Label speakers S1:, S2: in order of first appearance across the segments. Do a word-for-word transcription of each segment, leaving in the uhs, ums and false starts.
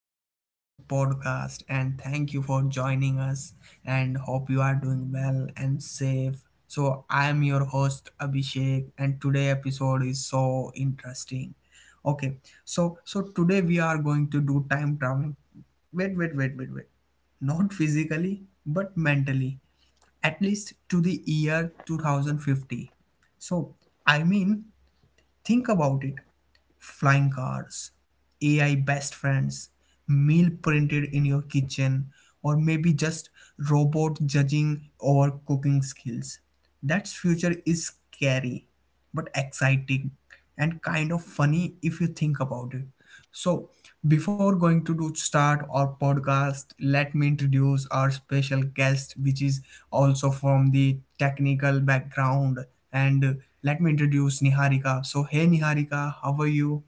S1: Welcome back to our podcast, and thank you for joining us. And hope you are doing well and safe. So, I am your host Abhishek, and today episode is so interesting. Okay, so so today we are going to do time traveling. Wait, wait, wait, wait, wait. Not physically, but mentally. At least to the year two thousand fifty. So, I mean, think about it, flying cars, A I best friends, meal printed in your kitchen, or maybe just robot judging our cooking skills. That future is scary, but exciting, and kind of funny if you think about it. So, before going to do start our podcast, let me introduce our special guest, which is also from the technical background. And uh, Let me introduce Niharika. So, hey Niharika, how are you?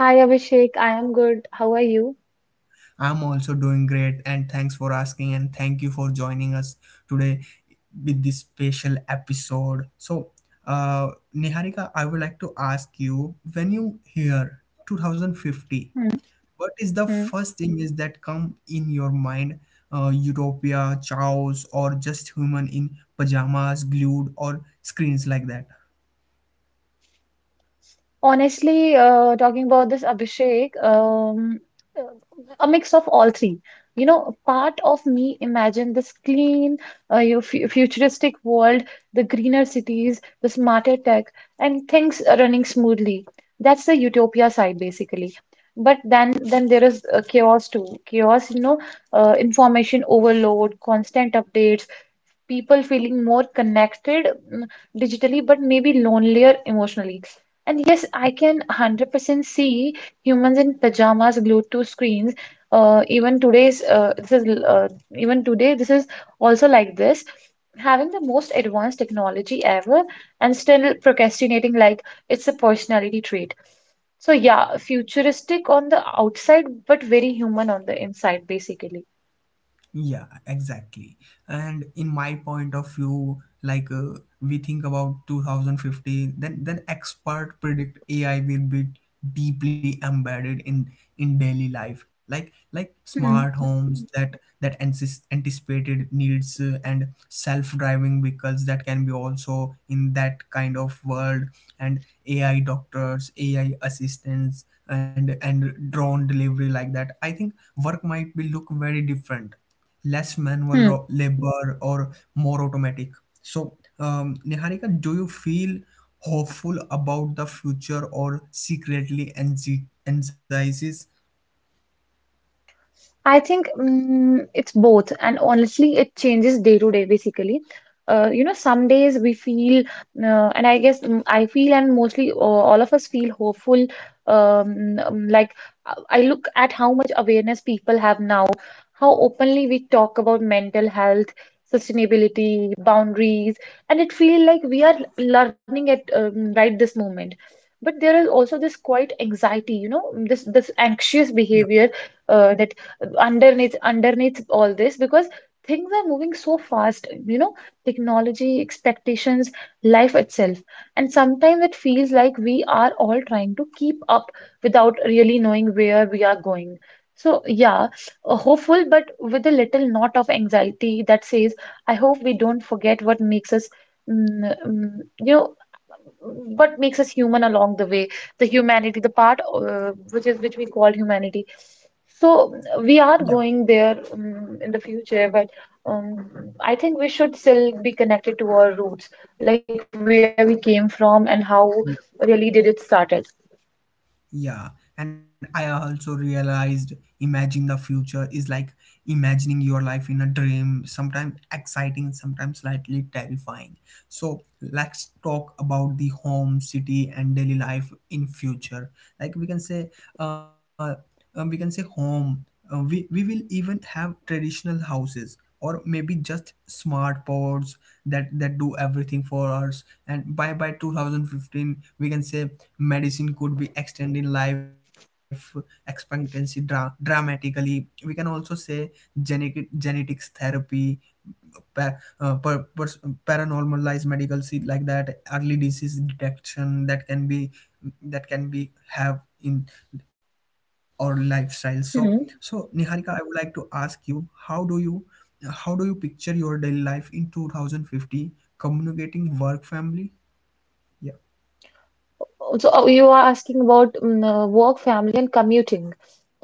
S2: Hi Abhishek, I am good. How are you?
S1: I'm also doing great, and thanks for asking, and thank you for joining us today with this special episode. So, uh, Niharika, I would like to ask you when you hear two thousand fifty
S2: Hmm,
S1: what is the
S2: hmm.
S1: first thing is that come in your mind, uh, utopia, chaos, or just human in pajamas glued or screens like that?
S2: Honestly, uh, talking about this Abhishek, um, uh, a mix of all three. You know, part of me imagine this clean, uh, you fu- futuristic world, the greener cities, the smarter tech, and things running smoothly. That's the utopia side, basically. But then, then there is uh, chaos too. Chaos, you know, uh, information overload, constant updates, people feeling more connected mm, digitally, but maybe lonelier emotionally. And yes, I can one hundred percent see humans in pajamas glued to screens. Uh, even today's uh, this is uh, even today this is also like this. Having the most advanced technology ever and still procrastinating like it's a personality trait. So yeah, futuristic on the outside, but very human on the inside, basically.
S1: Yeah, exactly. And in my point of view, like uh, we think about twenty fifty, then then expert predict A I will be deeply embedded in in daily life, like like smart
S2: Hmm.
S1: homes that that ancis- anticipated needs, uh, and self-driving vehicles that can be also in that kind of world, and A I doctors, A I assistants, and and drone delivery like that. I think work might be look very different, less manual
S2: Hmm.
S1: ro- labor or more automatic. So, um, Niharika, do you feel hopeful about the future or secretly anxi- anxieties?
S2: I think mm, it's both, and honestly, it changes day to day basically. Uh, you know, some days we feel, uh, and I guess mm, I feel, and mostly uh, all of us feel hopeful. Um, um, like uh, I look at how much awareness people have now, how openly we talk about mental health, sustainability, boundaries, and it feels like we are learning at um, right this moment. But there is also this quite anxiety, you know, this this
S1: Yeah,
S2: anxious behavior uh, that underneath underneath all this, because things are moving so fast, you know, technology, expectations, life itself, and sometimes it feels like we are all trying to keep up without really knowing where we are going. So yeah, uh, hopeful but with a little knot of anxiety that says I hope we don't forget what makes us mm, mm, you know, what makes us human along the way, the humanity, the part uh, which is which we call humanity. So
S1: yeah,
S2: we are going there um, in the future, but um, I think we should still be connected to our roots, like where we came from and how really did it started.
S1: yeah, and I also realized imagining the future is like imagining your life in a dream, sometimes exciting, sometimes slightly terrifying. So let's talk about the home, city, and daily life in future. Like we can say, uh, uh, we can say home. Uh, we we will even have traditional houses, or maybe just smart pods that that do everything for us, and by by two thousand fifteen we can say medicine could be extending life expectancy dra- dramatically. We can also say genetic genetics therapy, pa- uh, per- pers- paranormalized medical see like that, early disease detection that can be that can be have in our lifestyle. So, so
S2: Hmm.
S1: Niharika, I would like to ask you, how do you how do you picture your daily life in two thousand fifty? Communicating, work, family? Yeah.
S2: So uh, you are asking about um, uh, work, family, and commuting.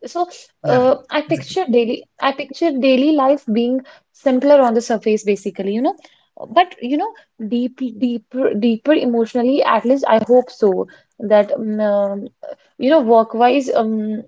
S1: Yeah,
S2: So uh,
S1: exactly.
S2: I picture daily, I picture daily life being simpler on the surface, basically, you know. But you know, deep, deeper, deeper emotionally. At least I hope so. That um, um, you know, work-wise, um,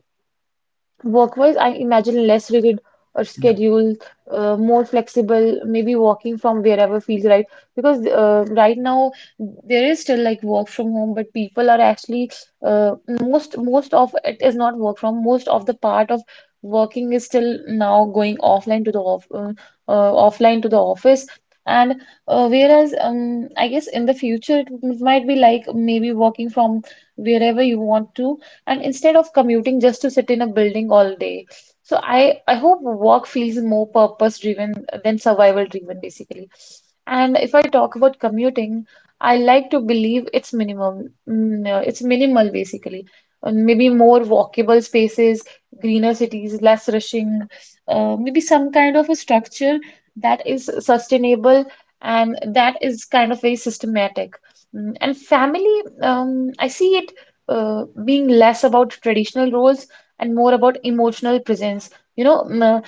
S2: Work-wise, I imagine less rigid or
S1: Yeah.
S2: schedule, uh, more flexible, maybe working from wherever feels right. Because uh, right now there is still like work from home, but people are actually uh, most most of it is not work from. Most of the part of working is still now going offline to the off uh, uh, offline to the office. And uh, whereas um, I guess in the future it might be like maybe working from wherever you want to, and instead of commuting just to sit in a building all day. So I, I hope work feels more purpose driven than survival driven basically. And if I talk about commuting, I like to believe it's minimum, mm, uh, it's minimal basically. And maybe more walkable spaces, greener cities, less rushing, uh, maybe some kind of a structure that is sustainable and that is kind of very systematic. Mm, and family, um, I see it uh, being less about traditional roles and more about emotional presence. You know, mm, uh,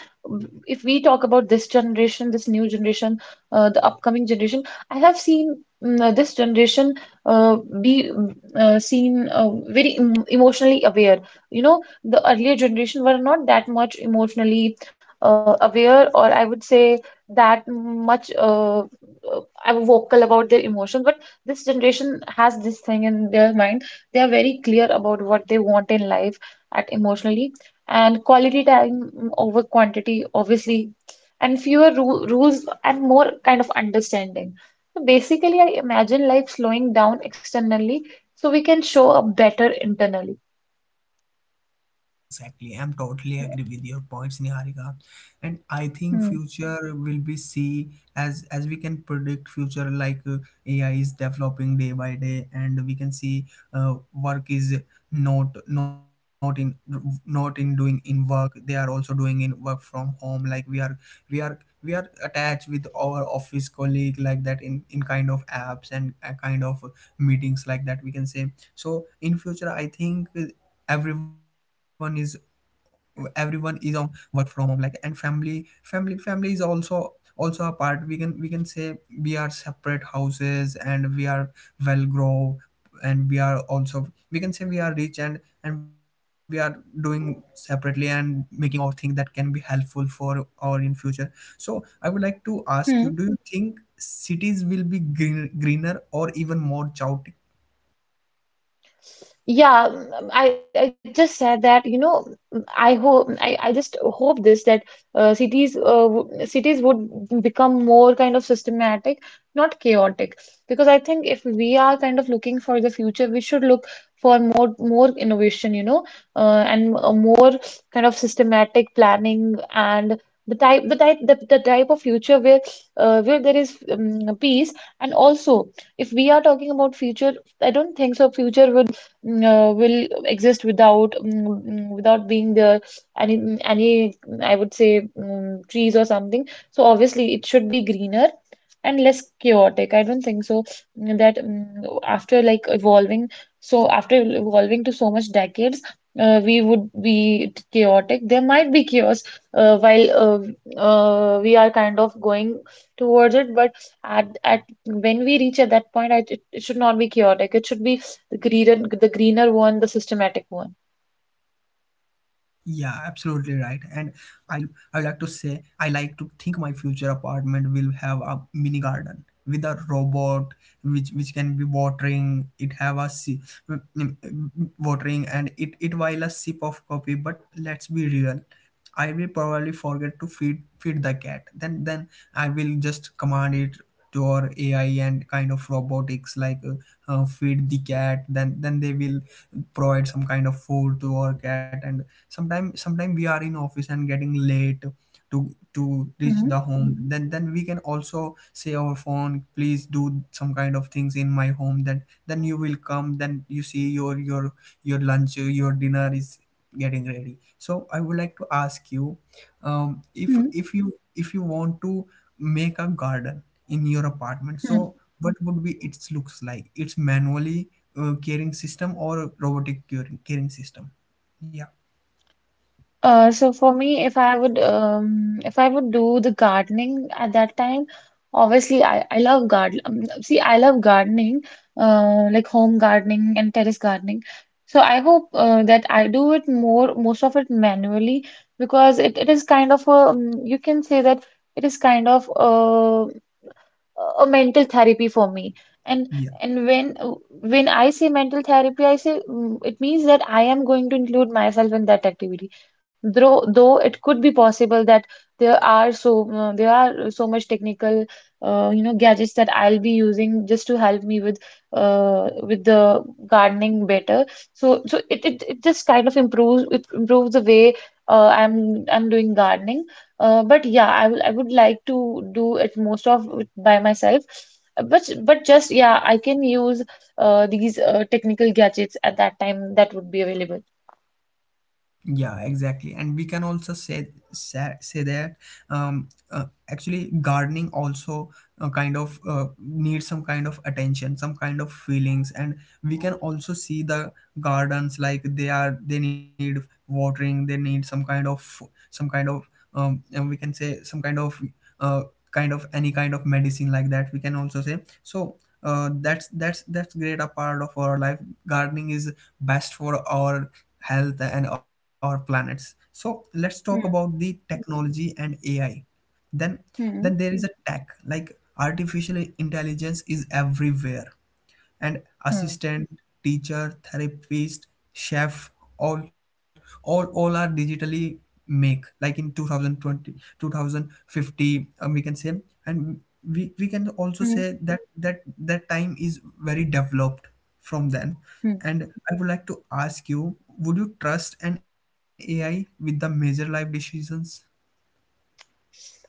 S2: if we talk about this generation, this new generation, uh, the upcoming generation, I have seen mm, uh, this generation uh, be mm, uh, seen uh, very em emotionally aware. You know, the earlier generation were not that much emotionally uh, aware, or I would say that much uh, uh, vocal about their emotions, but this generation has this thing in their mind. They are very clear about what they want in life at emotionally, and quality time over quantity, obviously, and fewer ru rules and more kind of understanding. So basically, I imagine life slowing down externally so we can show up better internally.
S1: Yeah, exactly. I'm totally agree with your points, Niharika. And I think
S2: Hmm.
S1: future will be see as as we can predict future like uh, A I is developing day by day, and we can see uh, work is not not in not in doing in work. They are also doing in work from home. Like we are we are we are attached with our office colleague like that in in kind of apps, and uh, kind of meetings like that. We can say. So in future I think everyone is everyone is on work from home, like, and family family family is also also a part. We can we can say we are separate houses, and we are well grow, and we are also, we can say, we are rich, and and we are doing separately and making our thing that can be helpful for our in future. So I would like to ask you, do you think cities will be green, greener, or even more chaotic?
S2: Yeah, mm, I, I just said that, you know, mm, I hope I, I just hope this, that uh, cities uh, w- cities would become more kind of systematic, not chaotic. Because I think if we are kind of looking for the future, we should look for more more innovation, you know, uh, and a more kind of systematic planning, and the type the type the, the type of future where uh, where there is um, peace. And also, if we are talking about future, I don't think so. Future would mm, uh, will exist without mm, mm, without being there any any, I would say, mm, trees or something. So obviously it should be greener and less chaotic. I don't think so, mm, that mm, after like evolving, so after evolving to so much decades, uh, we would be chaotic. There might be chaos uh, while uh, uh, we are kind of going towards it, but at at when we reach at that point, I, it, it should not be chaotic. It should be the greener, the greener one, the systematic one.
S1: Yeah, absolutely right. And I I would like to say, I like to think my future apartment will have a mini garden with a robot which which can be watering it, have a si- mm, mm, watering, and it it while a sip of coffee. But let's be real, I will probably forget to feed feed the cat. Then then I will just command it to our A I and kind of robotics like, uh, uh, feed the cat. Then then they will provide some kind of food to our cat. And sometimes sometimes we are in office and getting late to to reach
S2: hmm
S1: the home. Then then we can also say our phone, please do some kind of things in my home. Then then you will come, then you see your your your lunch, your dinner is getting ready. So I would like to ask you, um, if
S2: hmm
S1: if you if you want to make a garden in your apartment, so
S2: Hmm.
S1: what would be its looks like? It's manually uh, caring system or robotic curing- caring system? Yeah.
S2: Uh, so for me, if I would, um, if I would do the gardening at that time, obviously I, I love garden. Um, see, I love gardening, uh, like home gardening and terrace gardening. So I hope uh, that I do it more, most of it manually, because it, it is kind of a, um, you can say that it is kind of uh, a mental therapy for me. And
S1: Yeah.
S2: and when when I say mental therapy, I say, mm, it means that I am going to include myself in that activity, though though it could be possible that there are so uh, there are so much technical uh, you know, gadgets that I'll be using just to help me with uh, with the gardening better. so so it, it, it just kind of improves, it improves the way uh, i'm I'm doing gardening. Uh, but yeah, I will I would like to do it, most of it by myself. Uh, But but just yeah, I can use uh, these uh, technical gadgets at that time that would be available.
S1: Yeah, exactly. And we can also say say, say that, um, uh, actually gardening also uh, kind of uh, needs some kind of attention, some kind of feelings, and we can also see the gardens, like they are, they need watering, they need some kind of some kind of um, and we can say some kind of, uh, kind of any kind of medicine like that. We can also say so. Uh, that's that's that's great a part of our life, gardening is best for our health and our planets. So let's talk about
S2: Hmm.
S1: the technology and AI. Then then
S2: Hmm.
S1: there is a tech like artificial intelligence is everywhere, and
S2: Hmm.
S1: assistant, teacher, therapist, chef, all all all are digitally make, like in two thousand twenty, two thousand fifty, um, we can say, and we we can also
S2: Hmm.
S1: say that that that time is very developed from then.
S2: Hmm.
S1: And I would like to ask you, would you trust an AI with the major life decisions?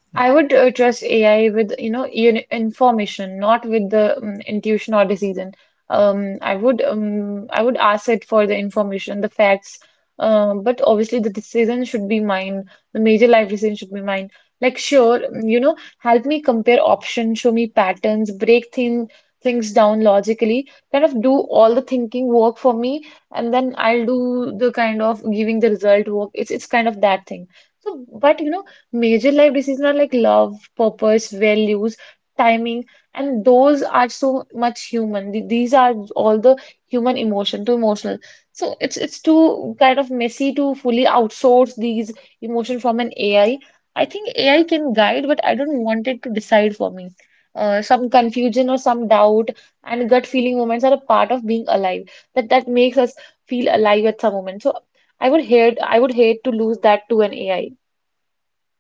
S1: Yeah.
S2: I would uh, trust A I with, you know, in information, not with the um, intuition or decision. Um, I would um, I would ask it for the information, the facts, um, but obviously the decision should be mine. The major life decision should be mine. Like sure, um, you know, help me compare options, show me patterns, break thing, things down logically, kind of do all the thinking work for me, and then I'll do the kind of giving the result work. It's it's kind of that thing. So, but you know, major life decisions are like love, purpose, values, timing, and those are so much human. The- These are all the human emotion, too emotional. So it's it's too kind of messy to fully outsource these emotion from an A I. I I think A I can guide, but I don't want it to decide for me. Uh, some confusion or some doubt and gut feeling moments are a part of being alive. That that makes us feel alive at some moment. So I would hate I would hate to lose that to an A I.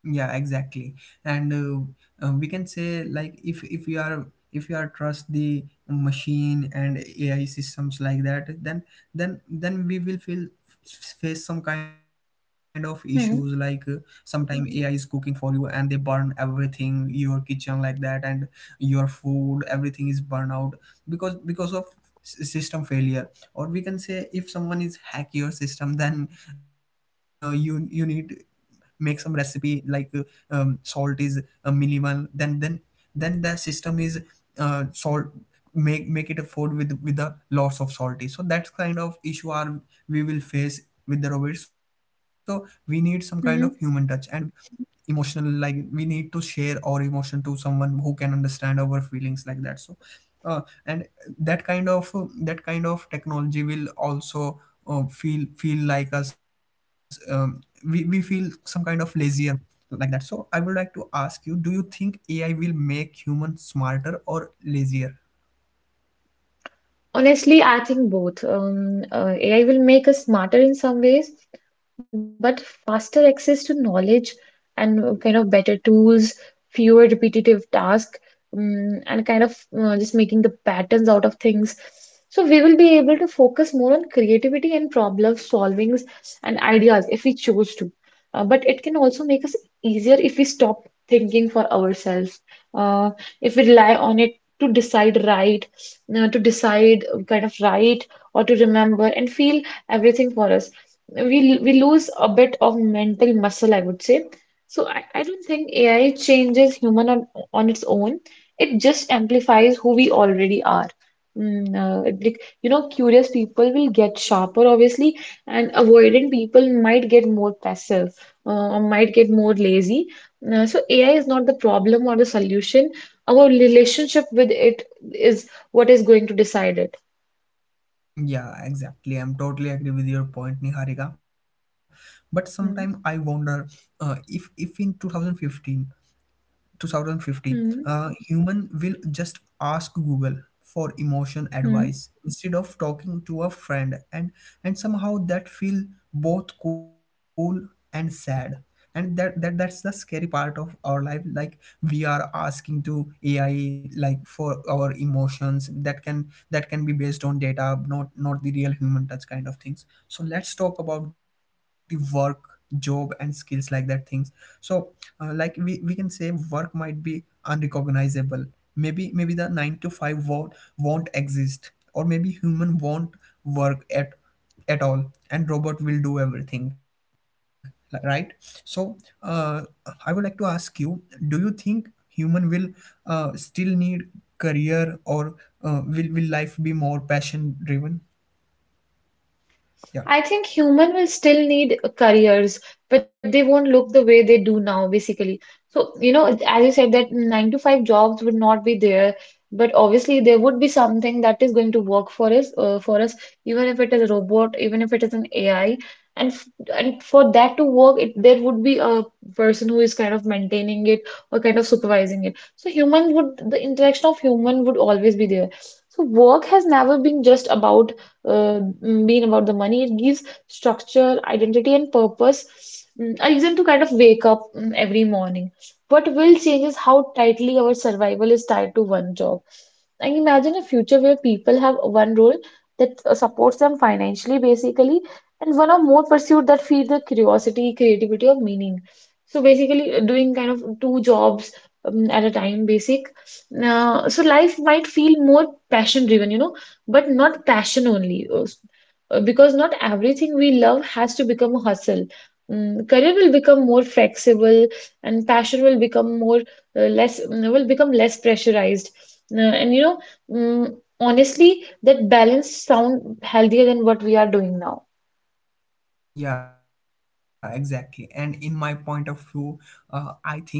S1: Yeah, exactly. And uh, uh, we can say, like, if if you are, if you are trust the machine and AI systems like that, then then then we will feel, face some kind of issues like, uh,
S2: Hmm.
S1: sometime AI is cooking for you, and they burn everything your kitchen like that, and your food, everything is burned out, because because of s- system failure, or we can say if someone is hack your system then uh, you you need make some recipe like, uh, um, salt is uh, minimal, then then then the system is uh, salt, make make it a food with with a lots of salty. So that's kind of issue are we will face with the robot. So we need some kind of human touch
S2: Hmm.
S1: and emotional, like we need to share our emotion to someone who can understand our feelings like that. So uh, and that kind of uh, that kind of technology will also uh, feel feel like us. Um, we, we feel some kind of lazier like that. So I would like to ask you, do you think AI will make humans smarter or lazier?
S2: Honestly, I think both. Um, uh, A I will make us smarter in some ways, but faster access to knowledge and uh, kind of better tools, fewer repetitive tasks, um, and kind of uh, just making the patterns out of things. So we will be able to focus more on creativity and problem solvings and ideas if we choose to. Uh, but it can also make us easier if we stop thinking for ourselves, uh, if we rely on it to decide right uh, to decide, uh, kind of write, or to remember and feel everything for us. We we lose a bit of mental muscle, I would say. So I, I don't think A I changes human on, on its own. It just amplifies who we already are. Mm, uh, it- like, you know, curious people will get sharper, obviously, and avoidant people might get more passive uh, or might get more lazy. Uh, so A I is not the problem or the solution. Our relationship with it is what is going to decide it?
S1: Yeah, exactly. I'm totally agree with your point, Niharika. But sometime I
S2: Hmm.
S1: wonder, uh, if if in two thousand fifteen, two thousand fifty,
S2: Hmm.
S1: uh, human will just ask Google for emotion
S2: Hmm.
S1: advice instead of talking to a friend. And and somehow that feel both cool and sad. And that, that that's the scary part of our life, like we are asking to AI like for our emotions that can that can be based on data, not not the real human touch kind of things. So let's talk about the work, job, and skills like that things. So, uh, like we, we can say work might be unrecognizable. Maybe maybe the nine to five won't, won't exist, or maybe human won't work at at all, and robot will do everything, li- right? So, uh, I would like to ask you, do you think human will uh, still need career, or uh, will will life be more passion driven? Yeah.
S2: I think human will still need careers, but they won't look the way they do now, basically. So, you know, as you said, that nine to five jobs would not be there, but obviously there would be something that is going to work for us, uh, for us, even if it is a robot, even if it is an A I. And f and for that to work, it there would be a person who is kind of maintaining it or kind of supervising it. So human would, the interaction of human would always be there. So work has never been just about uh, being about the money. It gives structure, identity, and purpose, mm, a reason to kind of wake up mm, every morning. What will change is how tightly our survival is tied to one job. I imagine a future where people have one role that uh, supports them financially, basically, and one or more pursuit that feed their curiosity, creativity, or meaning. So basically, uh, doing kind of two jobs um, at a time, basic. Uh, so life might feel more passion driven, you know, but not passion only. Uh, s- uh, because not everything we love has to become a hustle. Mm, career will become more flexible, and passion will become more uh, less mm, will become less pressurized. Uh, and you know mm, Honestly, that balance sound healthier than what we are doing now.
S1: Yeah, exactly. And in my point of view, uh, I think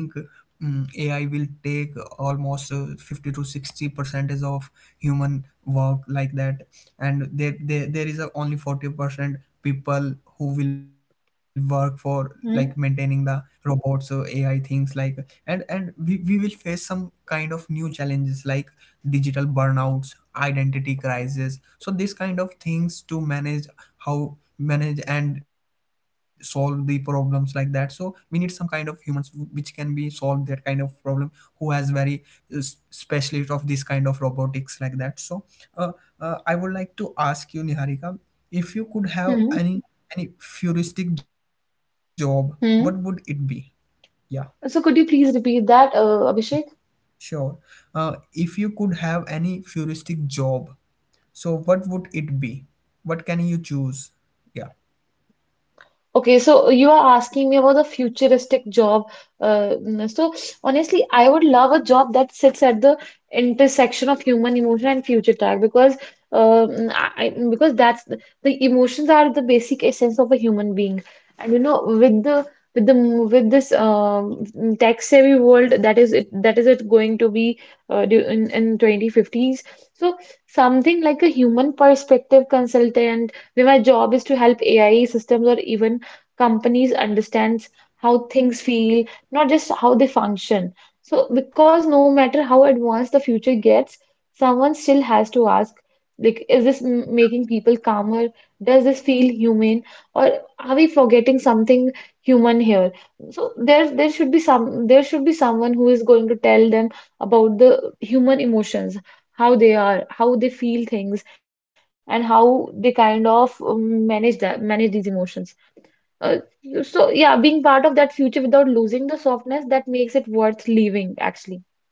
S1: mm A I will take almost, uh, fifty to sixty percentage of human work like that. And there, there, there is a only forty percent people who will work for like maintaining the
S2: Hmm?
S1: robots or A I things like. And and we, we will face some kind of new challenges, like digital burnouts, identity crisis. So these kind of things to manage, how manage and solve the problems like that. So we need some kind of humans who- which can be solve that kind of problem, who has very uh, s- specialist of this kind of robotics like that. So uh, uh, I would like to ask you Niharika, if you could have
S2: Hmm.
S1: any any futuristic job, what would it be?
S2: Hmm.
S1: Yeah.
S2: So could you please repeat that, uh, Abhishek?
S1: Sure. Uh, if you could have any futuristic job, so what would it be? What can you choose?
S2: Okay, so you are asking me about the futuristic job. Uh, so honestly, I would love a job that sits at the intersection of human emotion and future tech because uh, I because that's the, emotions are the basic essence of a human being, and you know with the with the with this um, tech savvy world that is it that is it going to be uh, du- in in twenty fifties. So something like a human perspective consultant where my job is to help A I systems or even companies understands how things feel, not just how they function. So because no matter how advanced the future gets, someone still has to ask, like, is this m- making people calmer? Does this feel human? Or are we forgetting something human here? So there there should be some there should be someone who is going to tell them about the human emotions, how they are, how they feel things, and how they kind of um, manage that manage these emotions. Uh,
S1: Yeah.
S2: so yeah, being part of that future without losing the softness that makes it worth leaving, actually.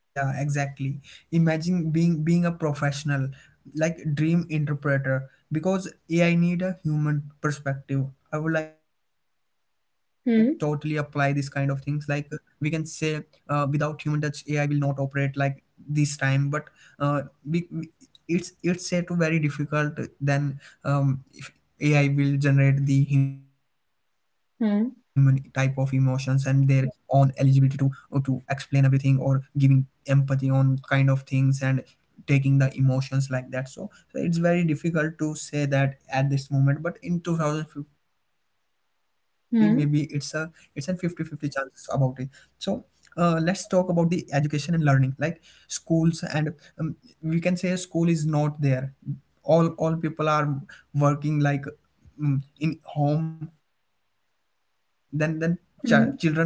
S1: Yeah, exactly. Imagine being being a professional, like dream interpreter, because A I need a human perspective. I would like totally apply this kind of things.
S2: Hmm.
S1: Like we can say, uh, without human touch, A I will not operate like this time. But uh, we, we it's it's said to very difficult than um if A I will generate the human type of emotions and
S2: Hmm.
S1: their own eligibility to or to explain everything or giving empathy on kind of things and taking the emotions like that, so, so it's very difficult to say that at this moment, but in two thousand fifty maybe it's a it's a fifty
S2: Hmm.
S1: fifty 50 chance about it. So uh, let's talk about the education and learning, like schools and um, we can say school is not there, all all people are working like, mm, in home. Then then ch- children also
S2: Hmm.
S1: also doing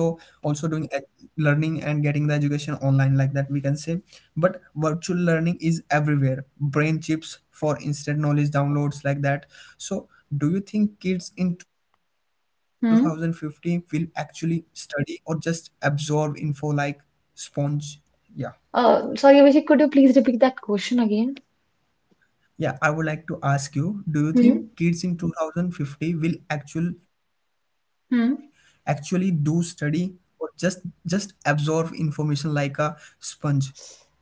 S1: learning and getting the education online, like that we can say. But virtual learning is everywhere, brain chips for instant knowledge downloads like that. So do you think kids in twenty fifteen will actually
S2: Hmm.
S1: study or just absorb info like sponge? Yeah,
S2: Uh, sorry, Abhishek, could you please repeat that question again?
S1: yeah, I would like to ask you, do you think
S2: Hmm.
S1: kids in two thousand fifty will actual actually do
S2: Hmm.
S1: study or just just absorb information like a sponge?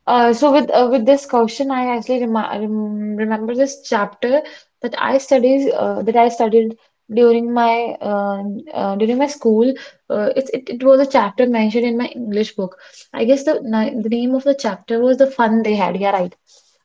S2: Uh, so with uh, with this question, I actually rem rem remember this chapter that I studied uh, that I studied during my uh, uh, during my school. Uh, it, it it was a chapter mentioned in my English book. I guess the ni- the name of the chapter was The Fun They Had. Yeah, right.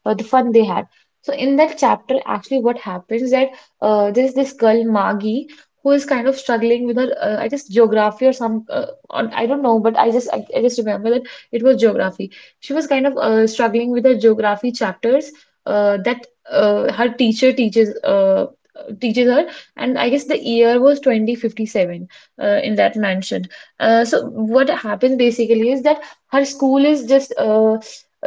S2: Uh, the fun they had. So in that chapter, actually, what happens that uh, there's this girl Maggie who is kind of struggling with her uh, I guess geography or some uh, on, I don't know, but I just I, I just remember that it was geography. She was kind of uh, struggling with the geography chapters uh, that uh, her teacher teaches uh, teaches her, and I guess the year was twenty fifty-seven uh, in that mansion. Uh, so what happens basically is that her school is just uh,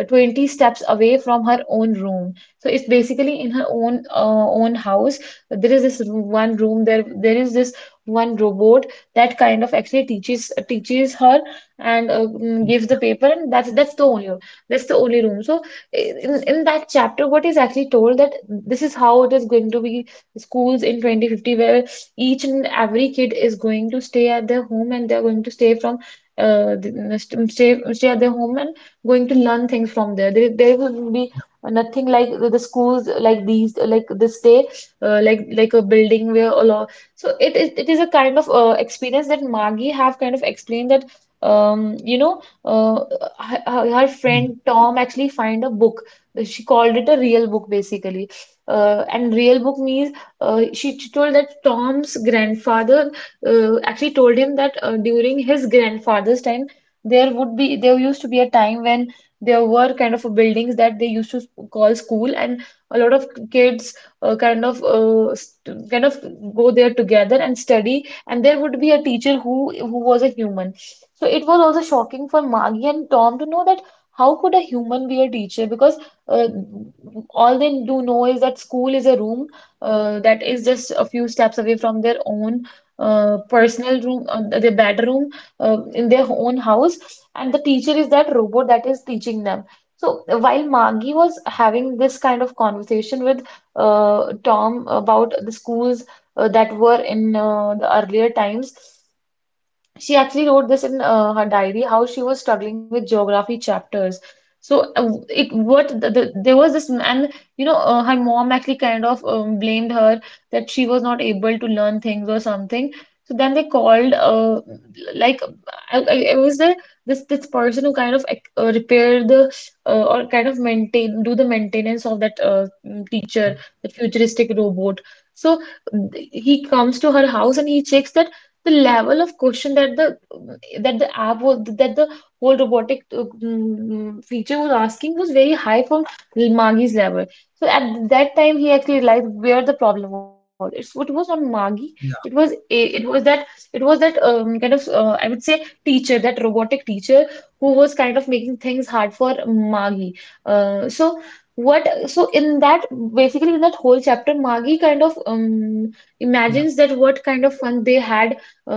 S2: uh, twenty steps away from her own room, so it's basically in her own uh, own house. There is this one room, there there is this one robot that kind of actually teaches teaches her and uh, mm, gives the paper, and that's that's the only that's the only room. So in, in that chapter what is actually told that this is how it is going to be schools in twenty fifty, where each and every kid is going to stay at their home, and they're going to stay from uh, the- st- stay stay at their home and going to learn things from there there, there will be nothing like the the schools like these like this day, uh, like like a building where a lot. So it is it is a kind of uh, experience that Maggie have kind of explained that um, you know, uh, her, her her
S1: Hmm,
S2: friend Tom actually find a book. She called it a real book basically. Uh, and real book means uh, she, she told that Tom's grandfather uh, actually told him that uh, during his grandfather's time there would be there used to be a time when there were kind of buildings that they used to call school, and a lot of kids uh, kind of uh, st- kind of go there together and study, and there would be a teacher who who was a human. So it was also shocking for Maggie and Tom to know that how could a human be a teacher? Because uh, all they do know is that school is a room uh, that is just a few steps away from their own uh, personal room, uh, their bedroom uh, in their own house, and the teacher is that robot that is teaching them. So while Maggie was having this kind of conversation with uh, Tom about the schools uh, that were in uh, the earlier times. She actually wrote this in uh, her diary how she was struggling with geography chapters. So uh, it what the, the, There was this m- and you know uh, her mom actually kind of um, blamed her that she was not able to learn things or something. So then they called uh, like I, I I was there this this person who kind of like, uh, repaired the uh, or kind of maintain do the maintenance of that uh,
S1: yeah.
S2: teacher, the futuristic robot. So he comes to her house and he checks that the level of question that the that the app was that the whole robotic uh, mm, feature was asking was very high from Magi's level. So at that time, he actually realized where the problem was. It's, it was on Magi. It was a- it was that it was that um, kind of uh, I would say teacher, that robotic teacher who was kind of making things hard for Magi. Uh, so what so in that basically in that whole chapter, Magi kind of um,
S1: Yeah,
S2: imagines that what kind of fun they had uh,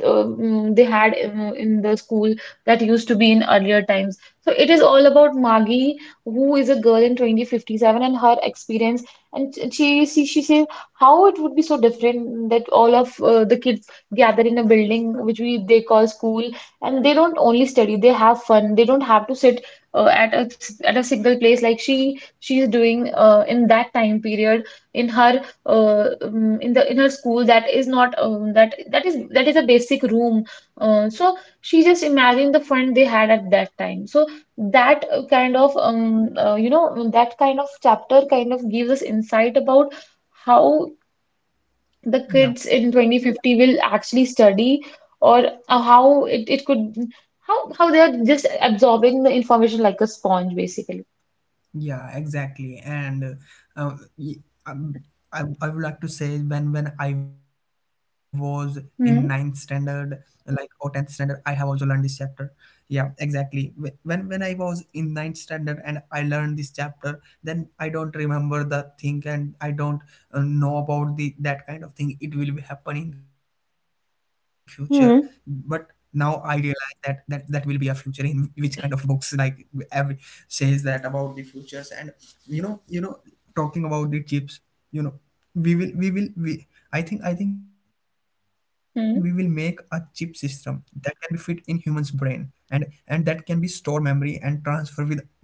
S2: uh, mm, they had in, in the school that used to be in earlier times. So it is all about Maggie, who is a girl in twenty fifty-seven, and her experience. And she she, she says how it would be so different that all of uh, the kids gather in a building which we they call school, and they don't only study; they have fun. They don't have to sit uh, at a at a single place like she she is doing uh, in that time period in her uh, um, in the in her school that is not um, that that is that is a basic room. Uh, so she just imagined the fun they had at that time, so that uh, kind of um, uh, you know that kind of chapter kind of gives us insight about how the
S1: yeah,
S2: kids in twenty fifty will actually study or uh, how it, it could how how they are just absorbing the information like a sponge basically.
S1: yeah, exactly. And uh, uh, y- um, I, I would like to say when when I was in ninth standard,
S2: Hmm.
S1: like or tenth standard, I have also learned this chapter. Yeah, exactly. Wh- When when I was in ninth standard and I learned this chapter, then I don't remember the thing and I don't uh, know about the that kind of thing. It will be happen in future. But now I realize that that that will be a future in which kind of books like every says that about the futures and, you know, you know talking about the chips, you know, we will we will we i think i think we will make a chip system
S2: Hmm.
S1: that can be fit in humans brain, and and that can be store memory and transfer with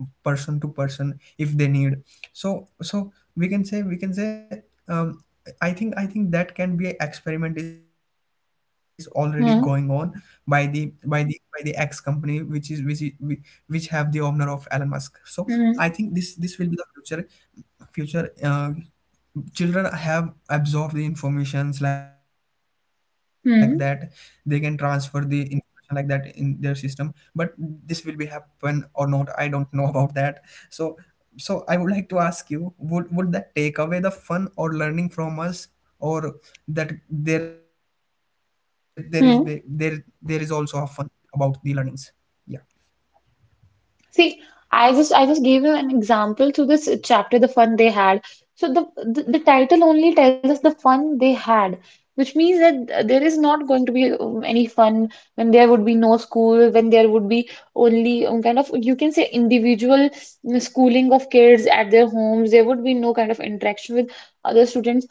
S1: person to person if they need. So so we can say, we can say um, I think I think that can be a experiment is already going on by the
S2: Hmm.
S1: by the by the X company, which is which is, whi- which have the owner of Elon Musk. So I think this this
S2: Hmm.
S1: will be the future, future uh, children have absorbed the informations like that, they can transfer the
S2: Hmm.
S1: information like that in their system. But this will be happen or not, I don't know about that. So so I would like to ask you, would would that take away the fun or learning from us, or that there there is be- there there is also a
S2: Hmm.
S1: fun about the learnings?
S2: See, I just I just gave you an example to this chapter, The Fun They Had. So the, the the title only tells us the fun they had, which means that there is not going to be um, any fun when there would be no school, when there would be only um, kind of you can say individual mm, schooling of kids at their homes. There would be no kind of interaction with other students.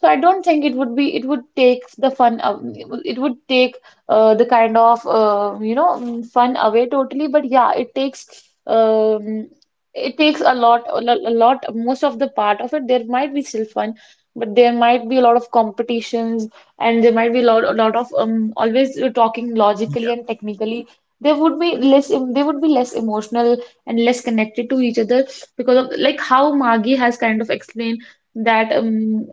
S2: So I don't think it would be, it would take the fun, aw- it would it would take uh, the kind of, uh, you know, mm, fun away totally. But yeah, it takes, um, it takes a lot, a lo- a lot, most of the part of it. There might be still fun, but there might be a lot of competitions, and there might be a lot, a lot of um, always uh, talking
S1: Yeah,
S2: logically and technically. There would be less, they would be less emotional and less connected to each other because of like how Maggie has kind of explained that um,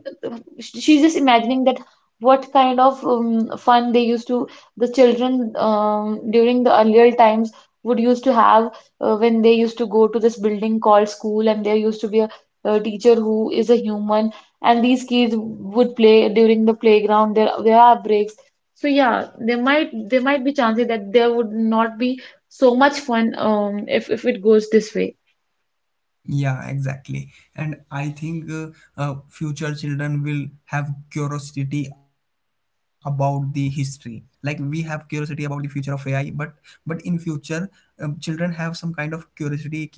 S2: she's just imagining that what kind of um, fun they used to the children um, during the earlier times would used to have uh, when they used to go to this building called school, and there used to be a, a teacher who is a human, and these kids would play during the playground, there there are breaks. So yeah, there might there might be chances that there would not be so much fun um, if if it goes this way.
S1: yeah, exactly. And I think uh, uh, future children will have curiosity about the history. Like we have curiosity about the future of A I, but but in future, um, children have some kind of curiosity. Ki,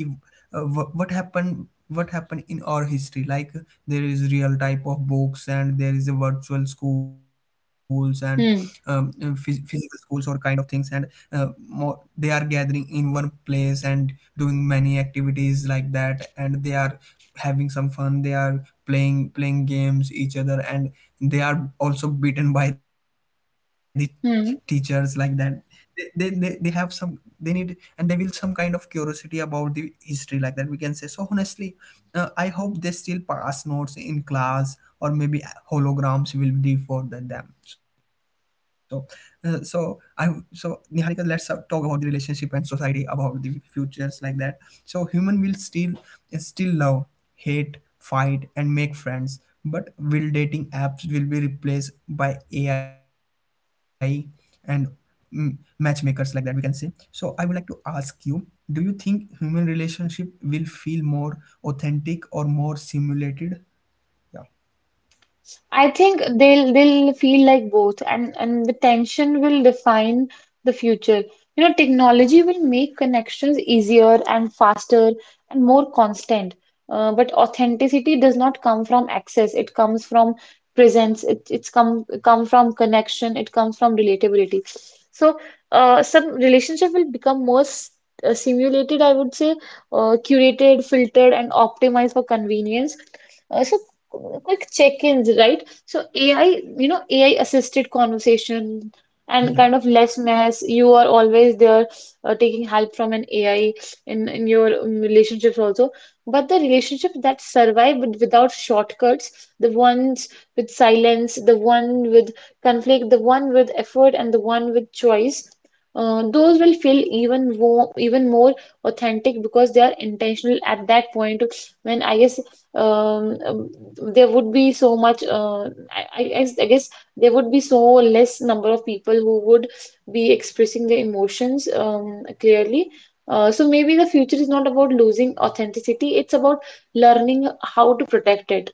S1: uh, wh- What happened? What happened in our history? Like there is real type of books, and there is a virtual schools and, um, uh,
S2: Hmm.
S1: phys- physical schools or kind of things, and uh, more, they are gathering in one place and doing many activities like that, and they are having some fun, they are playing playing games each other, and they are also beaten by the teachers like that.
S2: Hmm.
S1: They they, they, they have some, they need, and they will some kind of curiosity about the history like that, we can say. So honestly, uh, I hope they still pass notes in class or maybe holograms will be for the- them. So uh, so I so Niharika, let's uh, talk about the relationship and society, about the futures like that. So human will still still love, hate, fight, and make friends. But will dating apps will be replaced by A I and, mm, matchmakers like that? We can say. So I would like to ask you: do you think human relationship will feel more authentic or more simulated?
S2: I think they'll they'll feel like both, and and the tension will define the future. You know, technology will make connections easier and faster and more constant. Uh, but authenticity does not come from access. It comes from presence. It, it's come come from connection. It comes from relatability. So, uh, some relationship will become more s- uh, simulated, I would say, uh, curated, filtered, and optimized for convenience. Uh, so, quick check-ins, right? So A I, you know, A I assisted conversation and
S1: Yeah.
S2: kind of less mess. You are always there uh, taking help from an A I in, in your um, relationships also. But the relationship that survive with- without shortcuts, the ones with silence, the one with conflict, the one with effort, and the one with choice, uh, those will feel even more, even more authentic because they are intentional at that point when I guess um, um, there would be so much uh, I, I, guess- I guess there would be so less number of people who would be expressing their emotions um, clearly. Uh, so maybe the future is not about losing authenticity, it's about learning how to protect it.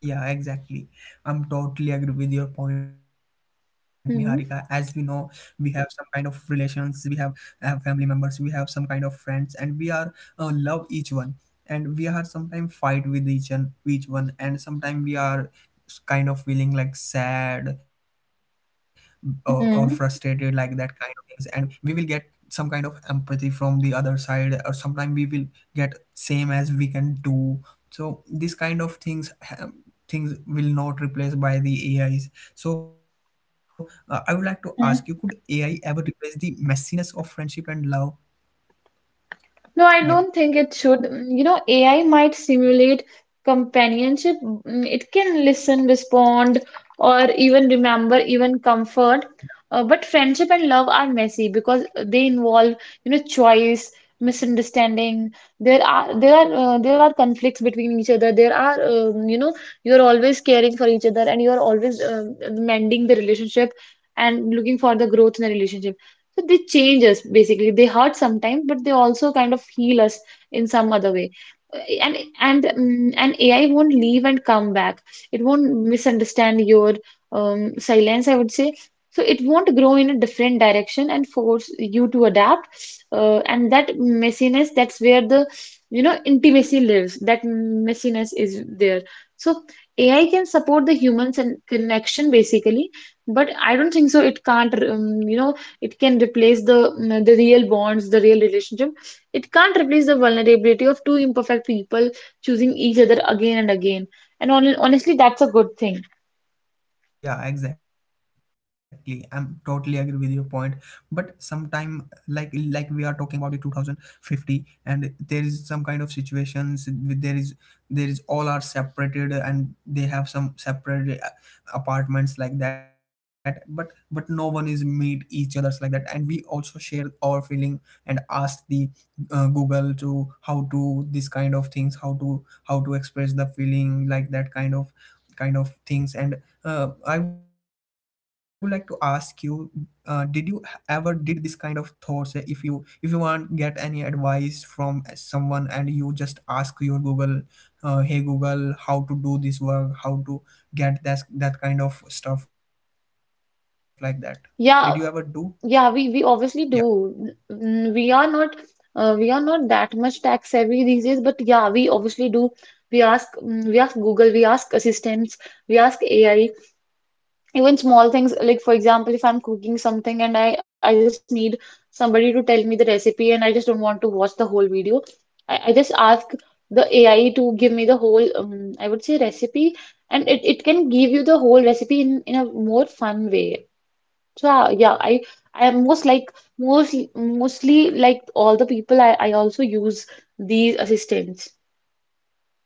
S1: Yeah, exactly. I'm totally agree with your point, Niharika. As we know,
S2: Hmm.
S1: we have some kind of relations, we have, have family members, we have some kind of friends, and we are uh, love each one, and we are sometimes fight with each and each one, and sometimes we are s- kind of feeling like sad, or, or frustrated, like
S2: Hmm.
S1: that kind of things, and we will get some kind of empathy from the other side, or sometimes we will get same as we can do. So these kind of things, things will not replace by the A Is. So uh, I would like to ask you, could AI ever replace the messiness of friendship and love?
S2: No, I
S1: Yeah,
S2: don't think it should. Mm, you know, A I might simulate companionship. Mm, it can listen, respond, or even remember, even comfort. Uh, but friendship and love are messy because they involve, you know, choice, misunderstanding. There are there are uh, there are conflicts between each other. There are um, you know, you're always caring for each other, and you're always um mending the relationship and looking for the growth in the relationship. So they change us basically. They hurt sometimes, but they also kind of heal us in some other way. Uh, And and um, and A I won't leave and come back. It won't misunderstand your um, silence, I would say. So it won't grow in a different direction and force you to adapt. Uh, and that messiness, that's where the, you know, intimacy lives. That messiness is there. So A I can support the humans and connection basically, but I don't think so. It can't, um, you know, it can replace the mm, the real bonds, the real relationship. It can't replace the vulnerability of two imperfect people choosing each other again and again. And hon honestly, that's a good thing.
S1: yeah, exactly. I'm totally agree with your point. But sometime, like like we are talking about the two thousand fifty, and there is some kind of situations. with- There is there is all are separated, and they have some separate uh, apartments like that. But but no one is meet each others like that, and we also share our feeling and ask the uh, Google to how to this kind of things, how to how to express the feeling like that kind of kind of things. And uh, I would like to ask you, uh, did you h- ever did this kind of thoughts? uh, If you if you want get any advice from someone and you just ask your Google, uh, hey Google, how to do this work, how to get that that kind of stuff like that. Did you ever do?
S2: Yeah, yeah, we we obviously do. Mm, mm, We are not uh, we are not that much tech savvy these days, but yeah, we obviously do. We ask mm, we ask Google, we ask assistants, we ask A I. Even small things, like for example, if I'm cooking something and I, I just need somebody to tell me the recipe and I just don't want to watch the whole video, I, I just ask the A I to give me the whole, um, I would say recipe, and it, it can give you the whole recipe in, in a more fun way. So uh, yeah, I I am most like mostly mostly like all the people I, I also use these assistants.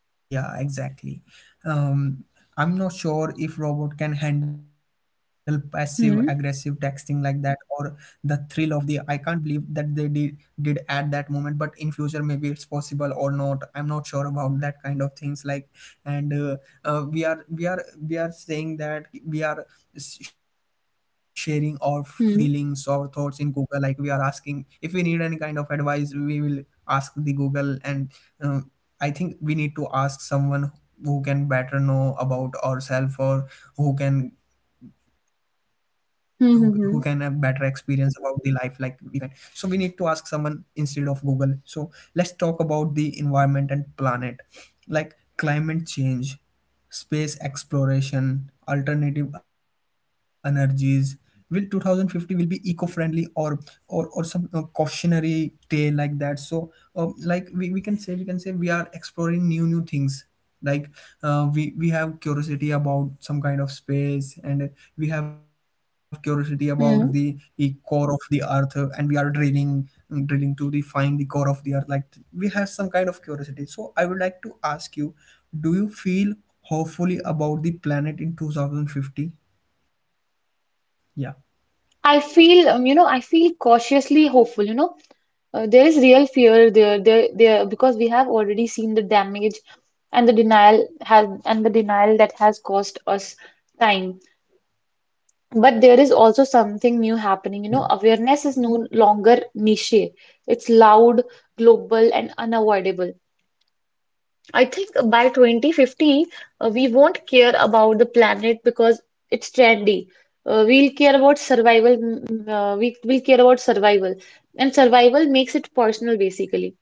S1: Yeah, exactly. Um, I'm not sure if robot can handle passive aggressive texting
S2: Hmm.
S1: like that, or the thrill of the I can't believe that they did did at that moment. But in future maybe it's possible or not. I'm not sure about that kind of things like. And uh, uh, we are we are we are saying that we are s- sharing our feelings, our
S2: Hmm.
S1: thoughts in Google, like we are asking, if we need any kind of advice we will ask the Google. And uh, I think we need to ask someone who can better know about ourselves, or who can who, who can have better
S2: Hmm.
S1: experience
S2: Hmm.
S1: about the life like we can. So we need to ask someone instead of Google. So let's talk about the environment and planet, like climate change, space exploration, alternative energies. Will twenty fifty will be eco-friendly or or or some uh, cautionary tale like that? So uh, like we, we can say, we can say we are exploring new new things, like uh, we we have curiosity about some kind of space, and we have curiosity about the e-
S2: Hmm. Hmm.
S1: core of the earth, uh, and we are drilling, mm, drilling to the find the core of the earth, like we have some kind of curiosity. So I would like to ask you, do you feel hopefully about the planet in two thousand fifty? Yeah,
S2: I feel, um, you know, I feel cautiously hopeful, you know. Uh, there is real fear there, there, there, because we have already seen the damage and the denial has and the denial that has cost us time. But there is also something new happening. You
S1: yeah,
S2: know, awareness is no longer niche. It's loud, global, and unavoidable. I think by twenty fifty, uh, we won't care about the planet because it's trendy. Uh, we'll care about survival. Mm, Uh, we will care about survival, and survival makes it personal, basically.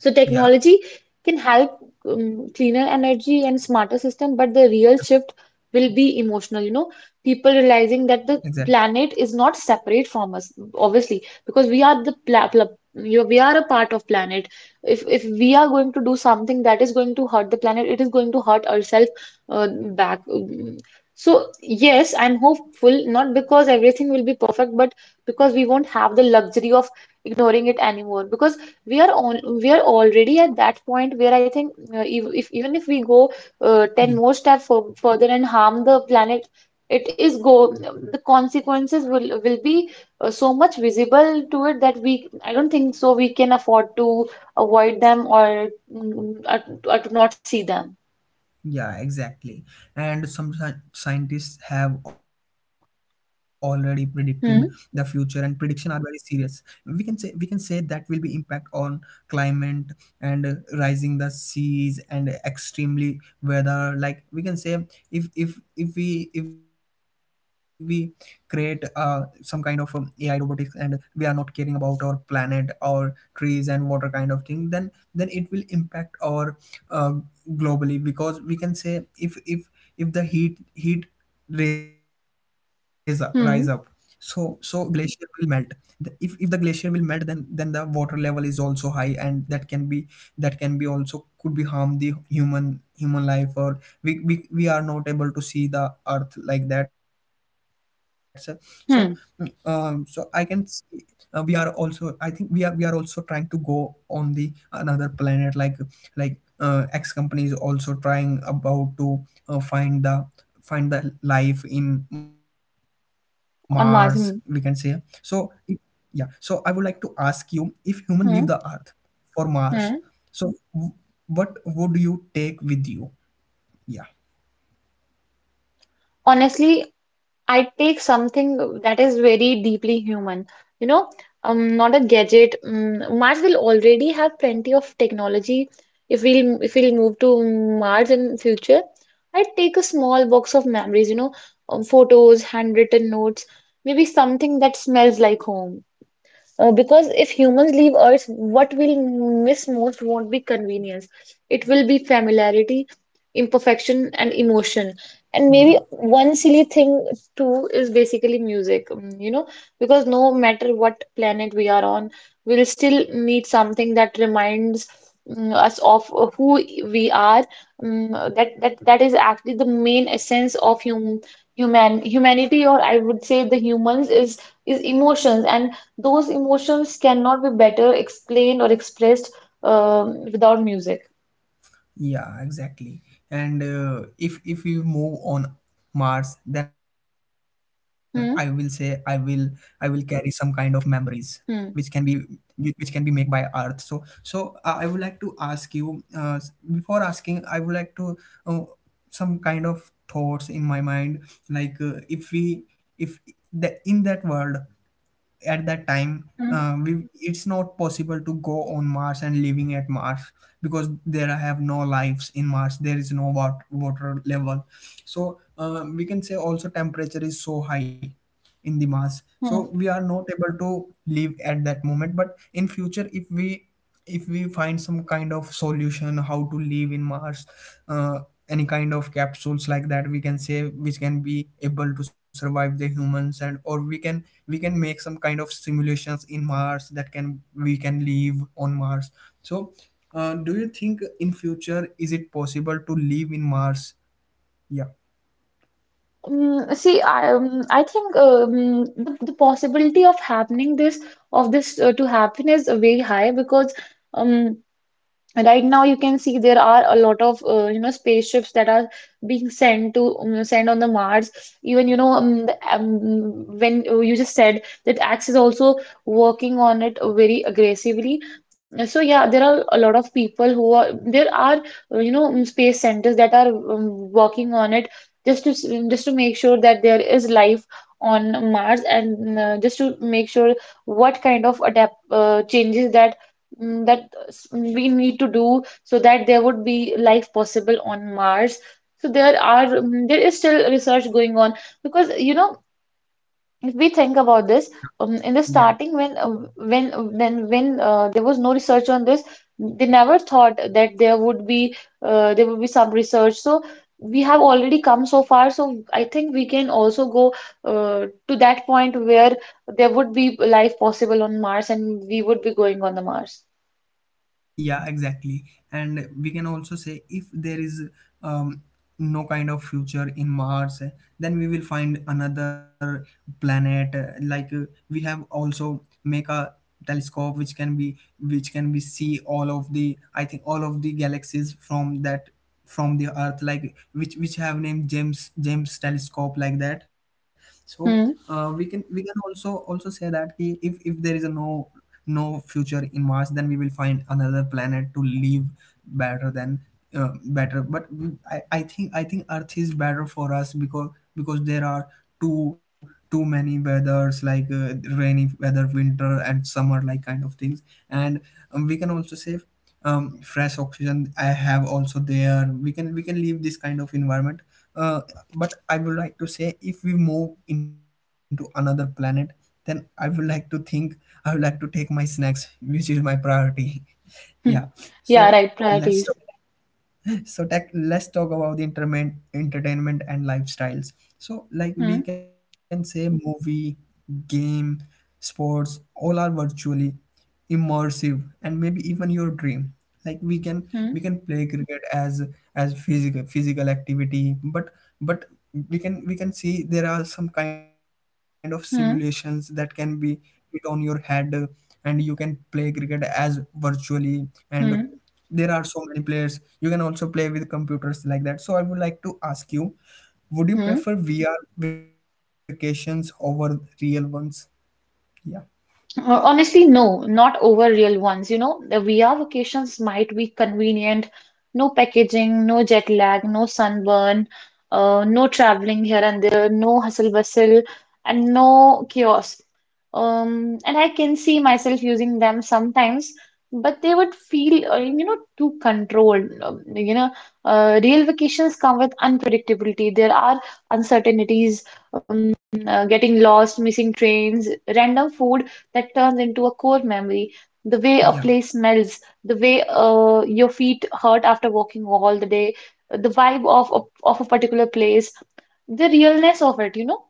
S2: So
S1: yeah,
S2: technology can help um, cleaner energy and smarter system, but the real shift will be emotional, you know, people
S1: exactly.
S2: realizing that the planet is not separate from us, obviously, because we are the pla pla you know, we are a part of planet. If if we are going to do something that is going to hurt the planet, it is going to hurt ourselves uh, back. Um, So yes, I'm hopeful, not because everything will be perfect, but because we won't have the luxury of ignoring it anymore. Because we are on we are already at that point where I think uh, if, if even if we go uh, ten more steps for, further and harm the planet it is go the consequences will will be uh, so much visible to it that we I don't think so we can afford to avoid them or, mm, or, or to not see them.
S1: Yeah, exactly. And some sci- scientists have already predicted the future, and
S2: Hmm.
S1: prediction are very serious. We can say we can say that will be impact on climate and, uh, rising the seas and extremely weather. Like we can say, if if if we if we create uh, some kind of um, A I robotics and, uh, we are not caring about our planet, our trees and water kind of thing, then then it will impact our uh, globally. Because we can say, if if if the heat heat raise up, rise up, so so
S2: Hmm.
S1: glacier will melt. The- if if the glacier will melt, then then the water level is also high, and that can be, that can be also could be harm the human human life, or we, we we are not able to see the earth like that. So, so, um so I
S2: Hmm.
S1: can see, uh, we are also, I think we are, we are also trying to go on the another planet. Like, like uh, X company is also trying about to uh, find the, find the life in Mars, we can say.
S2: On
S1: So, if—
S2: margin.
S1: yeah. So I would like to ask you, if human leave the Earth
S2: Hmm.
S1: for Mars,
S2: Hmm.
S1: so w- what would you take with you? Yeah.
S2: Honestly, I take something that is very deeply human. You know, um, not a gadget. Um, Mars will already have plenty of technology. If we'll if we'll move to Mars in future, I take a small box of memories. You know, um, photos, handwritten notes, maybe something that smells like home. Uh, because if humans leave Earth, what we'll miss most won't be convenience. It will be familiarity, imperfection, and emotion. And
S1: Yeah.
S2: maybe one silly thing too is basically music, mm, you know, because no matter what planet we are on, we'll still need something that reminds mm, us of uh, who we are. Mm, that that that is actually the main essence of hum human humanity, or I would say the humans is is emotions and those emotions cannot be better explained or expressed um, without music.
S1: Yeah, exactly. And uh, if if we move on Mars, then I will say I will I
S2: Hmm?
S1: will carry some kind of memories, which can be,
S2: Hmm.
S1: which can be made by Earth. So so uh, I would like to ask you uh, before asking, I would like to uh, some kind of thoughts in my mind, like uh, if we if the in that world at that time uh, we it's not possible to go on mars and living at mars because there have no lives in mars, there is no wat water level. So uh, we can say also temperature is so high in the mars, so we
S2: Hmm.
S1: are not able to live at that moment. But in future, if we if we find some kind of solution how to live in mars, uh, any kind of capsules like that, we can say, which can be able to survive the humans, and or we can we can make some kind of simulations in mars that can we can live on mars. So uh, do you think in future is it possible to live in mars? Yeah.
S2: Mm, see, I um, I think um, the, the possibility of happening this of this uh, to happen is very high because um, right now, you can see there are a lot of uh, you know spaceships that are being sent to um, sent on the Mars. Even you know um, the, um, when uh, you just said that Axe is also working on it very aggressively. Uh, So yeah, there are a lot of people who are there are uh, you know um, space centers that are um, working on it just to s- just to make sure that there is life on Mars and uh, just to make sure what kind of adapt uh, changes that. Mm, that s- we need to do so that there would be life possible on Mars. So there are um, there is still research going on because you know if we think about this
S1: Yeah.
S2: um, in the
S1: Yeah,
S2: starting when uh, when when when uh, there was no research on this they never thought that there would be uh, there would be some research so we have already come so far so I think we can also go uh, to that point where there would be life possible on Mars and we would be going on the Mars.
S1: yeah, exactly. And we can also say if there is um, no kind of future in Mars, eh, then we will find another planet. eh, Like uh, we have also make a telescope which can be which can be see all of the, I think, all of the galaxies from that, from the Earth, like which which have named James James telescope, like that. So uh, we
S2: Hmm.
S1: can we can also also say that ki, if if there is a no no future in Mars, then we will find another planet to live better than uh, better. But we, I, I think I think Earth is better for us, because because there are too too many weathers, like uh, rainy weather, winter, and summer, like kind of things. And um, we can also say um, fresh oxygen I have also there. We can we can leave this kind of environment. Uh, but I would like to say, if we move into another planet, then I would like to think, I would like to take my snacks, which is my priority. Yeah.
S2: Hmm.
S1: So
S2: Yeah, right,
S1: let's
S2: priorities.
S1: so tech, let's talk about the entertainment entertainment and lifestyles. So, like,
S2: Hmm.
S1: we can say movie, game, sports, all are virtually immersive, and maybe even your dream. Like, we can
S2: Hmm.
S1: we can play cricket as as physical physical activity, but but we can we can see there are some kind of simulations that
S2: Hmm.
S1: can be put on your head, uh, and you can play cricket as virtually. And
S2: Hmm.
S1: there are so many players. You can also play with computers, like that. So I would like to ask you, would you
S2: Hmm.
S1: prefer vr vacations over real ones? Yeah.
S2: Uh, Honestly, no, not over real ones. You know, the V R vacations might be convenient, no packaging, no jet lag, no sunburn, uh, no traveling here and there, no hustle bustle, and no chaos. Um, and I can see myself using them sometimes, but they would feel, uh, you know, too controlled. Um, you know, uh, real vacations come with unpredictability. There are uncertainties, um, uh, getting lost, missing trains, random food that turns into a core memory. The way a
S1: Yeah.
S2: place smells, the way uh, your feet hurt after walking all the day, the vibe of, of, of a particular place, the realness of it, you know?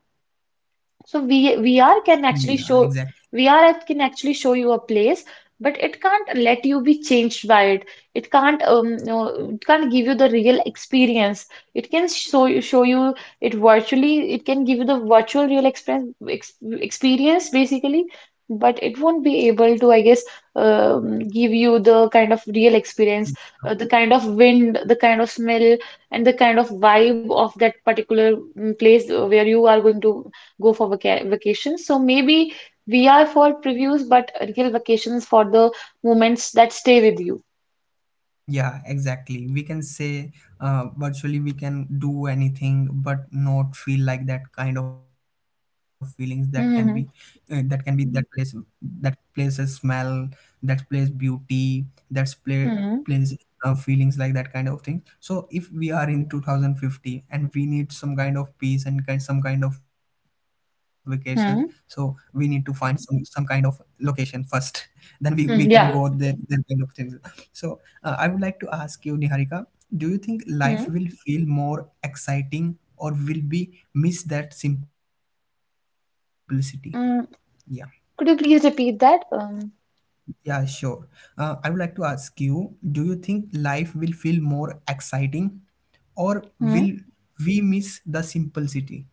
S2: So
S1: Yeah,
S2: V
S1: exactly.
S2: VR can actually show V R app can actually show you a place, but it can't let you be changed by it. It can't um no, It can't give you the real experience. It can show you show you it virtually. It can give you the virtual real experience ex, experience basically, but it won't be able to I guess um, give you the kind of real experience, uh, the kind of wind, the kind of smell, and the kind of vibe of that particular mm, place uh, where you are going to go for vaca vacations. So maybe we are for previews, but real vacations for the moments that stay with you.
S1: Yeah, exactly. We can say uh, virtually we can do anything, but not feel like that kind of feelings that can be uh, that can
S2: Mm-hmm.
S1: be that place, that place a smell, that place beauty, that's play
S2: Hmm.
S1: plays uh, feelings, like that kind of thing. So if we are in two thousand fifty and we need some kind of peace and kind, some kind of vacation, so we need to
S2: Hmm.
S1: find some some kind of location first, then we we can go
S2: Hmm. Yeah.
S1: there, there kind of things. So uh, I would like to ask you, Niharika, do you think life
S2: Hmm.
S1: will feel more exciting, or will be miss that simplicity? Yeah.
S2: Mm, could you please repeat that? Um,
S1: Yeah, sure. uh, I would like to ask you, do you think life will feel more exciting, or
S2: hmm.
S1: will we miss the simplicity?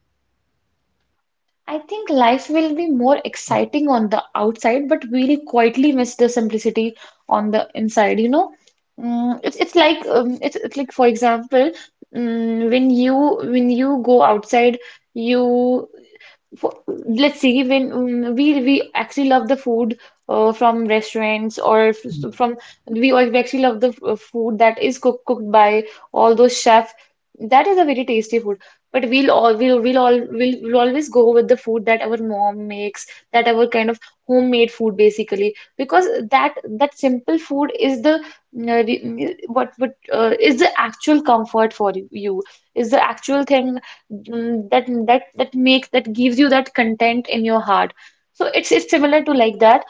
S1: Yeah.
S2: I think life will be more exciting on the outside, but we'll quietly miss the simplicity on the inside, you know? Mm, it's it's like um, it's, it's like for example, mm, when you when you go outside, you for, let's see when mm, we we actually love the food uh, from restaurants or f- s- from we al- we actually love the f- uh, food that is cooked cooked by all those chefs that is a very tasty food but we'll all we'll we'll all we'll, we'll always go with the food that our mom makes that our kind of homemade food basically because that that simple food is the mm, uh, re- mm, what what uh, is the actual comfort for you is the actual thing mm, that that that makes that gives you that content in your heart so it's it's similar to like that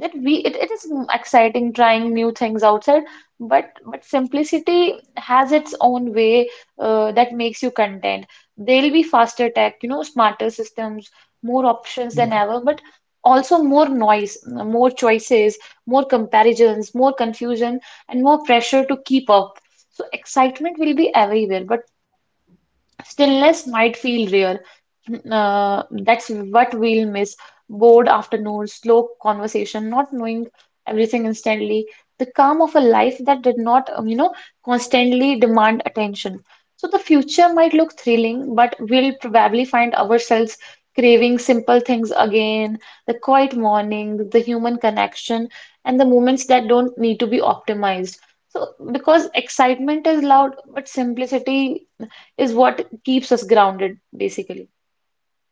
S2: that we it, it is exciting trying new things outside but but simplicity has its own way uh, that makes you content there'll be faster tech you know smarter systems
S1: Yeah.
S2: more options than ever but also more noise more choices more comparisons more confusion and more pressure to keep up so excitement will be everywhere but stillness might feel rare. Mm, Uh,
S1: Mm.
S2: that's what we'll miss. Bored afternoons, slow conversation, not knowing everything instantly, the calm of a life that did not, um, you know, constantly demand attention. So the future might look thrilling, but we'll probably find ourselves craving simple things again, the quiet morning, the human connection, and the moments that don't need to be optimized. So because excitement is loud, but simplicity is what keeps us grounded, basically.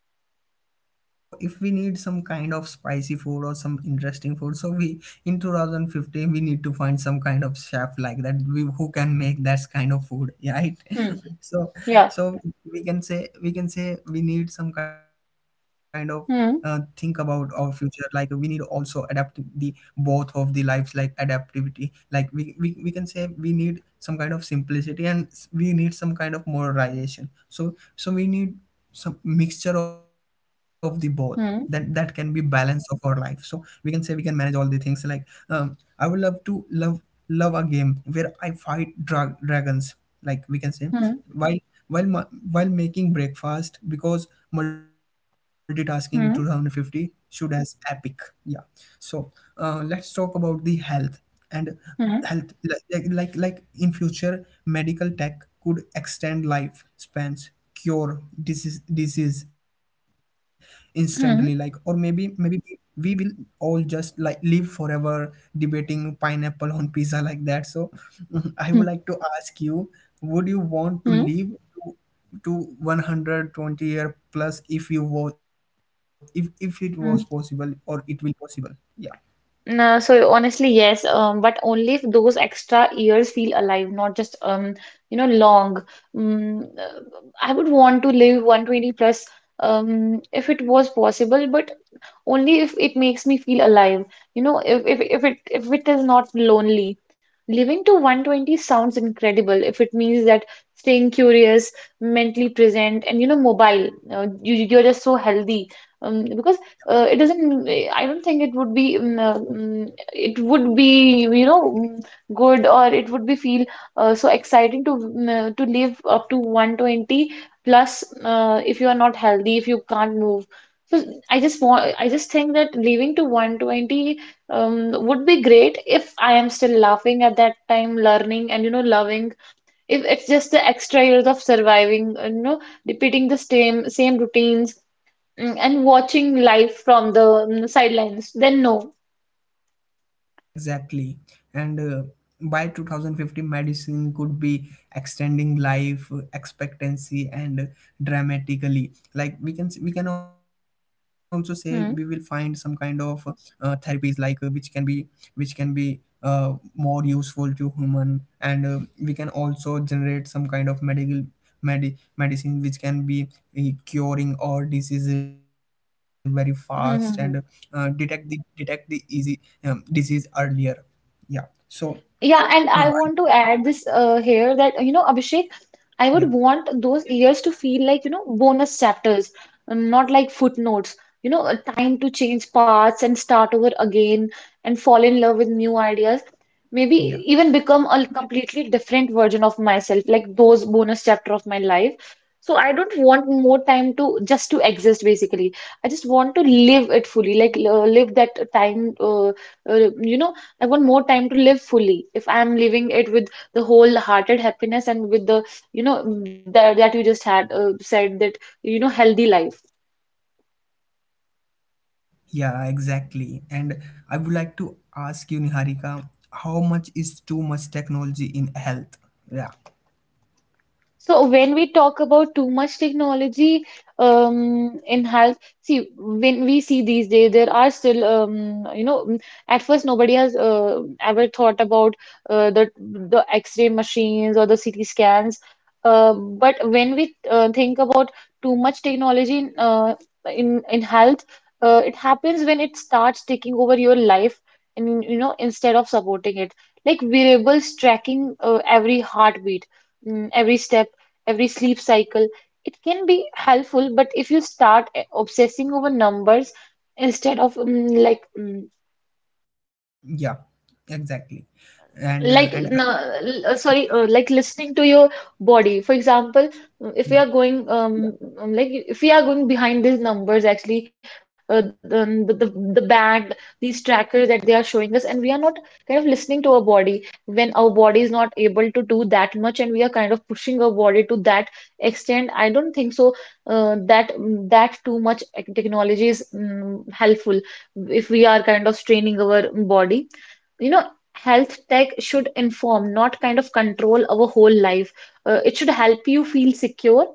S1: Mm. So if we need some kind of spicy food or some interesting food, so we in two thousand fifteen we need to find some kind of chef, like that we, who can make that kind of food, right?
S2: Hmm.
S1: So.
S2: Yeah.
S1: So we can say we can say we need some kind of uh, think about
S2: Hmm.
S1: our future, like we need also adapt the both of the lives, like adaptivity, like we, we we can say we need some kind of simplicity and s- we need some kind of modernization. So so we need some mixture of the both, that that can be
S2: Hmm.
S1: balance of our life, so we can say we can manage all the things, like um, I would love to love love a game where I fight drag- dragons, like we can say,
S2: Hmm.
S1: while while ma- while making breakfast, because multitasking two thousand fifty
S2: Hmm.
S1: should as epic. Yeah. So uh, let's talk about the health. And health,
S2: Hmm.
S1: like like like like in future medical tech could extend life spans, cure disease disease instantly, like, or maybe
S2: Hmm.
S1: maybe we, we will all just like live forever, debating pineapple on pizza, like that. So I would
S2: Hmm.
S1: like to ask you, would you want
S2: Hmm.
S1: to live to, to one hundred twenty year plus, if you was, if if it was possible
S2: Hmm.
S1: or it will possible? Yeah.
S2: No, so honestly, yes, um, but only if those extra years feel alive, not just um, you know, long. Mm, uh, I would want to live one hundred twenty plus um, if it was possible, but only if it makes me feel alive. You know, if, if, if it if it is not lonely. Living to one hundred twenty sounds incredible if it means that staying curious, mentally present, and you know, mobile. Uh, you you're just so healthy. Um, because uh, it doesn't. I don't think it would be. Um, uh, mm, it would be you know mm, good or it would be feel uh, so exciting to mm, uh, to live up to one hundred twenty plus uh, if you are not healthy if you can't move so I just want, I just think that leaving to one hundred twenty um, would be great if I am still laughing at that time, learning and you know loving. If it's just the extra years of surviving, you know, repeating the same same routines mm, and watching life from the mm, sidelines, then no.
S1: Exactly. And uh, by two thousand fifty, medicine could be extending life expectancy and dramatically. Like we can we can also say we will find some kind
S2: Hmm.
S1: of uh, therapies, like uh, which can be which can be uh, more useful to human. And uh, we can also generate some kind of medical medi- medicine which can be eh, curing all disease very fast, and uh,
S2: Hmm, hmm, hmm.
S1: detect the detect the easy um, disease earlier. Yeah. So
S2: Yeah, and
S1: uh,
S2: I want to add this uh, here that you know, Abhishek, I would
S1: yeah.
S2: want those years to feel like you know bonus chapters, not like footnotes. You know, a time to change paths and start over again and fall in love with new ideas. Maybe
S1: Yeah.
S2: even become a completely different version of myself, like those bonus chapter of my life. So I don't want more time to just to exist, basically. I just want to live it fully, like uh, live that time, uh, uh, you know I want more time to live fully. If I'm living it with the wholehearted happiness and with the, you know, that that you just had uh, said that, you know, healthy life.
S1: Yeah, exactly. And I would like to ask you, Niharika, how much is too much technology in health? Yeah.
S2: So when we talk about too much technology um, in health, see when we see these days there are still um, you know mm, at first nobody has uh, ever thought about uh, the the X-ray machines or the C T scans, uh, but when we uh, think about too much technology in uh, in in health, uh, it happens when it starts taking over your life and you know instead of supporting it, like wearables tracking uh, every heartbeat, mm, every step, every sleep cycle. It can be helpful, but if you start eh, obsessing over numbers instead of mm, like mm,
S1: Yeah, exactly. And uh,
S2: like
S1: and I,
S2: no, l- uh, sorry uh, like listening to your body for example if we are
S1: yeah
S2: going um um, like if we are going behind these numbers actually uh, the, the the band these trackers that they are showing us and we are not kind of listening to our body when our body is not able to do that much and we are kind of pushing our body to that extent I don't think so uh, that that too much technology is mm, helpful if we are kind of straining our body, you know, health tech should inform, not kind of control our whole life. Uh, it should help you feel secure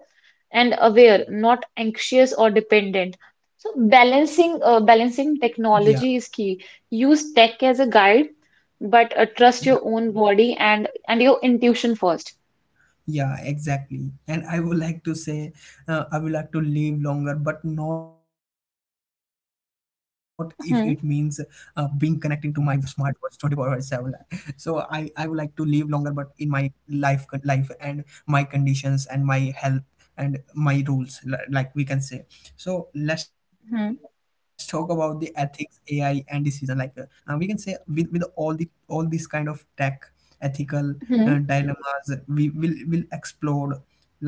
S2: and aware, not anxious or dependent. So
S1: yeah.
S2: balancing uh, balancing technology is key. Use tech as a guide, but uh,
S1: Yeah.
S2: trust your own body and and your intuition first.
S1: Yeah, exactly. And I would like to say, uh, I would like to live longer, but not if it means uh, being connecting to my
S2: Hmm.
S1: smartwatch twenty four hours seven. So, I, I would like to live longer, but in my life, con- life and my conditions and my health and my rules, li- like we can say. So let's talk about the
S2: Hmm.
S1: ethics, A I, and decision. Like uh, uh, we can say, with with all the all this kind of tech, ethical uh,
S2: Hmm.
S1: dilemmas we will will explode.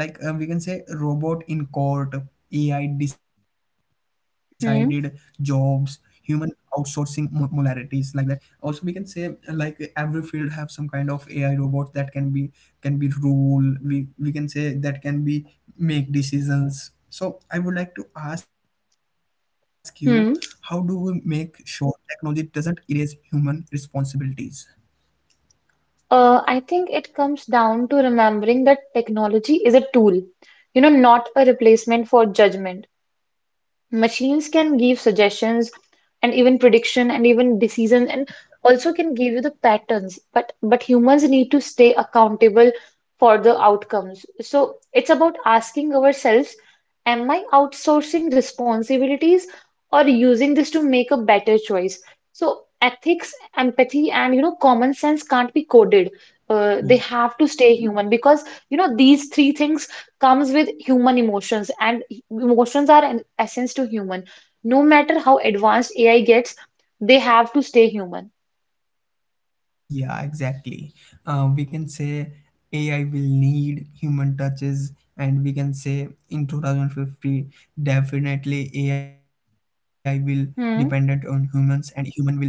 S1: Like uh, we can say robot in court, ai decided jobs,
S2: Hmm.
S1: human outsourcing mo- molarities, like that. Also we can say uh, like every field have some kind of ai robots that can be can be rule, we we can say, that can be make decisions. So I would like to ask you, how do we make
S2: Hmm.
S1: sure technology doesn't erase human responsibilities?
S2: Uh, I think it comes down to remembering that technology is a tool, you know, not a replacement for judgment. Machines can give suggestions and even prediction and even decisions and also can give you the patterns. But but humans need to stay accountable for the outcomes. So it's about asking ourselves, am I outsourcing responsibilities or using this to make a better choice? So ethics, empathy, and you know common sense can't be coded. Uh, they have to stay human because you know these three things comes with human emotions and emotions are an essence to human no matter how advanced ai gets they have to stay human.
S1: Yeah, exactly. Uh, we can say A I will need human touches, and we can say in two thousand fifty, definitely A I will dependent on humans,
S2: Hmm.
S1: and human will dependent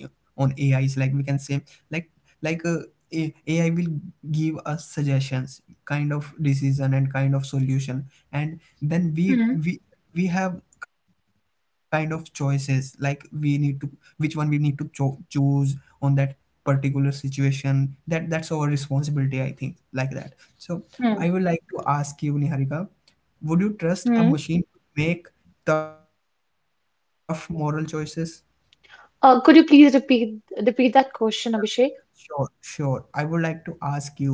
S1: on A Is. Like we can say, like like uh, A- AI will give us suggestions, kind of decision and kind of solution, and then we
S2: Hmm.
S1: we we have kind of choices, like we need to which one we need to cho- choose on that particular situation. That that's our responsibility, I think, like that. So
S2: Hmm.
S1: I would like to ask you, Niharika, would you trust a
S2: Hmm.
S1: machine to make tough moral choices?
S2: Uh, could you please repeat repeat that question abhishek?
S1: Sure. Sure. I would like to ask you,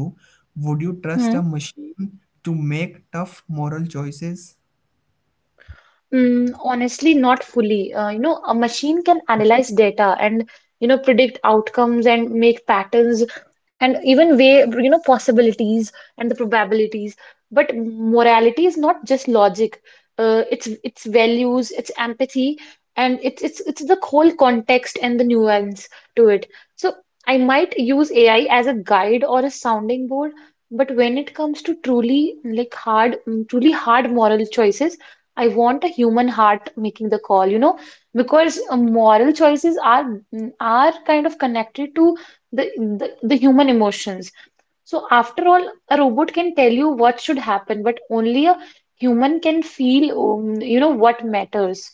S1: would you trust a machine to make tough moral choices?
S2: Mm, honestly, not fully. Uh, you know, a machine can analyze data and you know predict outcomes and make patterns and even weigh you know possibilities and the probabilities. But morality is not just logic. Uh, it's it's values, it's empathy, and it's it's it's the whole context and the nuance to it. So I might use A I as a guide or a sounding board, but when it comes to truly like hard, mm, truly hard moral choices. I want a human heart making the call, you know, because uh, moral choices are mm, are kind of connected to the, the the human emotions. So after all, a robot can tell you what should happen, but only a human can feel, um, you know, what matters.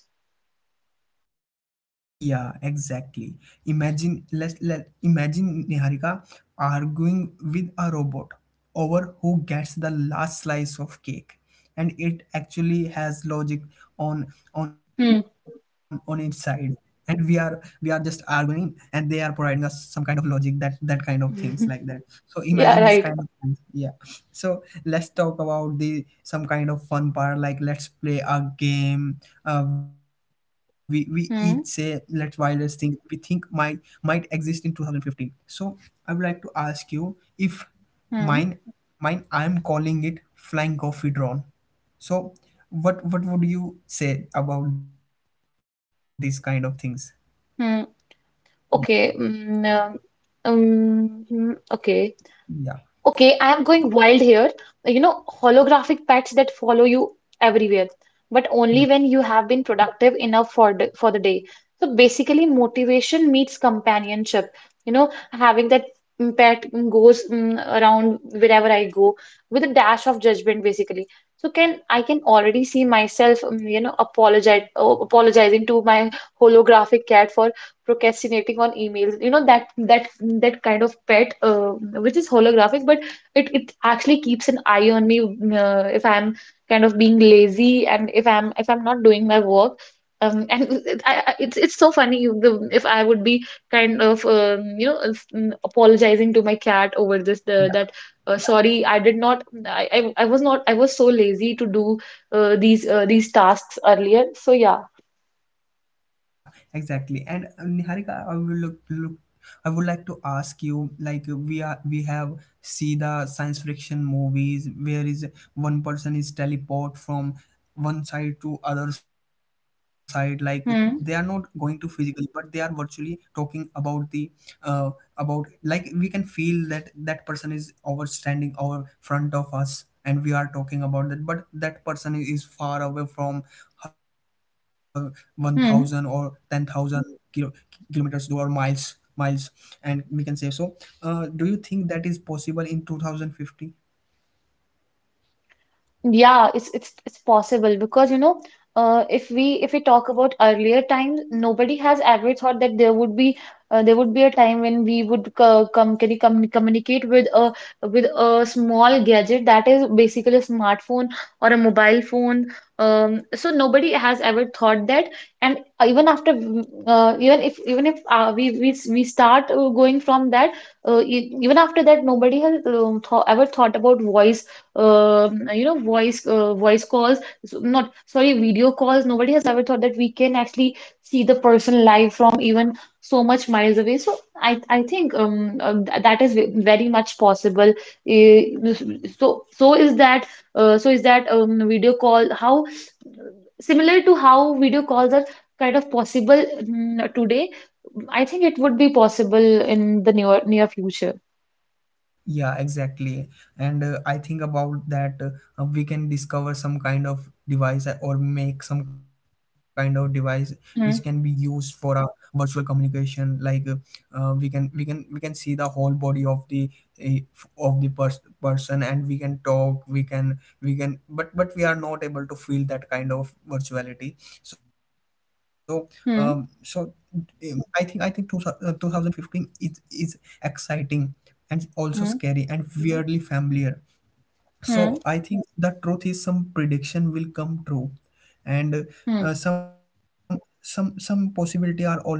S1: Yeah, exactly. Imagine, let let imagine, Niharika arguing with a robot over who gets the last slice of cake, and it actually has logic on on on its
S2: Hmm.
S1: side, and we are we are just arguing, and they are providing us some kind of logic, that that kind of things, like that. So imagine
S2: Yeah,
S1: this kind
S2: right.
S1: of things. Yeah. So let's talk about the some kind of fun part. Like, let's play a game. Uh, we we each say let's
S2: Hmm.
S1: wildest thing we think might might exist in two thousand fifteen. So I would like to ask you if
S2: Hmm.
S1: mine mine I am calling it flying coffee drone. So what what would you say about these kind of things?
S2: Hmm.
S1: Yeah.
S2: Okay. mm, um, um, okay.
S1: Yeah.
S2: Okay, I am going wild here. You know, holographic pets that follow you everywhere, but only
S1: Yeah.
S2: when you have been productive enough for the, for the day. So basically, motivation meets companionship. You know, having that mm, pet mm, goes mm, around wherever I go with a dash of judgment, basically. So can I can already see myself, mm, you know, apologize, oh, apologizing to my holographic cat for procrastinating on emails you know that that that kind of pet uh, which is holographic but it it actually keeps an eye on me uh, if I'm kind of being lazy and if I'm if I'm not doing my work, um, and it, I, I- it's it's so funny you- the- if I would be kind of um, you know s- mm, apologizing to my cat over this the, that, uh, sorry I did not I, I I was not I was so lazy to do uh, these uh, these tasks earlier so yeah.
S1: Yeah, exactly. And uh, Niharika, I will look, look I would like to ask you, like, we are we have see the science fiction movies where is one person is teleport from one side to other side, like they are not going to
S2: Hmm.
S1: physically, but they are virtually talking about the uh, about, like we can feel that that person is over standing over front of us, and we are talking about that, but that person is far away from her one thousand or
S2: Hmm.
S1: ten thousand kilo, kilometers door, or miles miles, and we can say. So uh, do you think that is possible in twenty fifty?
S2: Yeah, it's it's it's possible because you know, uh, if we if we talk about earlier times, nobody has ever thought that there would be uh, there would be a time when we would co com can com communicate with a with a small gadget that is basically a smartphone or a mobile phone. Um, so nobody has ever thought that, and even after uh, even if even if uh, we we we start uh, going from that, uh, e- even after that, nobody has um, th ever thought about voice um you know voice uh, voice calls so- not sorry video calls, nobody has ever thought that we can actually see the person live from even so much miles away so I I think um uh, th- that is ve- very much possible. Uh, so so is that uh, so is that um video call how similar to how video calls are kind of possible mm, today. I think it would be possible in the near near future.
S1: Yeah, exactly. And uh, I think about that uh, we can discover some kind of device or make some kind of device which can be used
S2: Hmm.
S1: for a virtual communication. Like uh, uh, we can we can we can see the whole body of the uh, of the pers- person, and we can talk. We can we can, but but we are not able to feel that kind of virtuality. So. um so. um,
S2: Hmm.
S1: I think I think two, uh, twenty fifteen is is exciting, and also scary
S2: Hmm.
S1: and weirdly familiar. So
S2: Hmm.
S1: I think the truth is some prediction will come true, and
S2: Hmm.
S1: uh, some some some possibility are already here,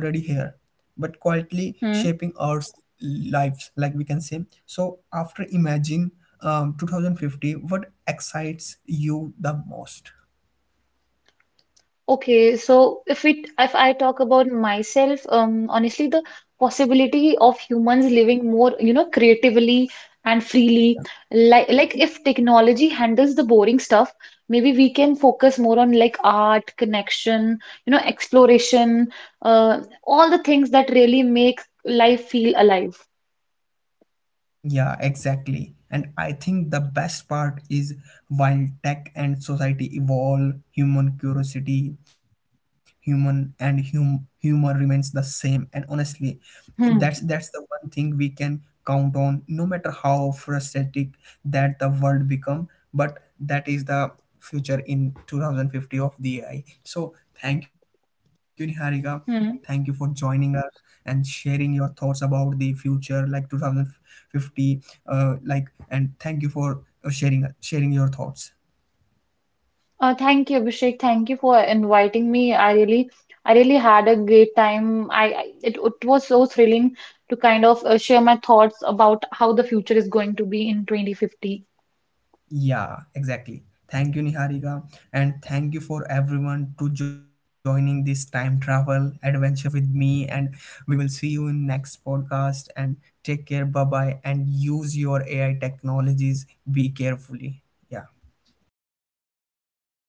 S1: but quietly shaping
S2: Hmm.
S1: our s- lives, like we can say. So after imagine um, two thousand fifty, what excites you the most?
S2: Okay, so if it if I talk about myself, um, honestly, the possibility of humans living more, you know, creatively and freely, like like if technology handles the boring stuff, maybe we can focus more on like art, connection, you know, exploration, uh, all the things that really make life feel alive.
S1: Yeah, exactly. And I think the best part is, while tech and society evolve, human curiosity, human and hum- humor remains the same. And honestly, that's
S2: Hmm.
S1: that's the one thing we can count on, no matter how frustrating that the world become. But that is the future in two thousand fifty of the ai. So thank you, Niharika. Thank you for
S2: Hmm.
S1: joining us and sharing your thoughts about the future like two thousand fifty, uh, like. And thank you for uh, sharing sharing your thoughts.
S2: Uh, thank you, Abhishek. Thank you for inviting me. I really, I really had a great time. I, I it, it was so thrilling to kind of uh, share my thoughts about how the future is going to be in twenty fifty.
S1: Yeah, exactly. Thank you, Niharika, and thank you for everyone to joining this time travel adventure with me. And we will see you in next podcast. And take care. Bye bye. And use your A I technologies. Be carefully. Yeah.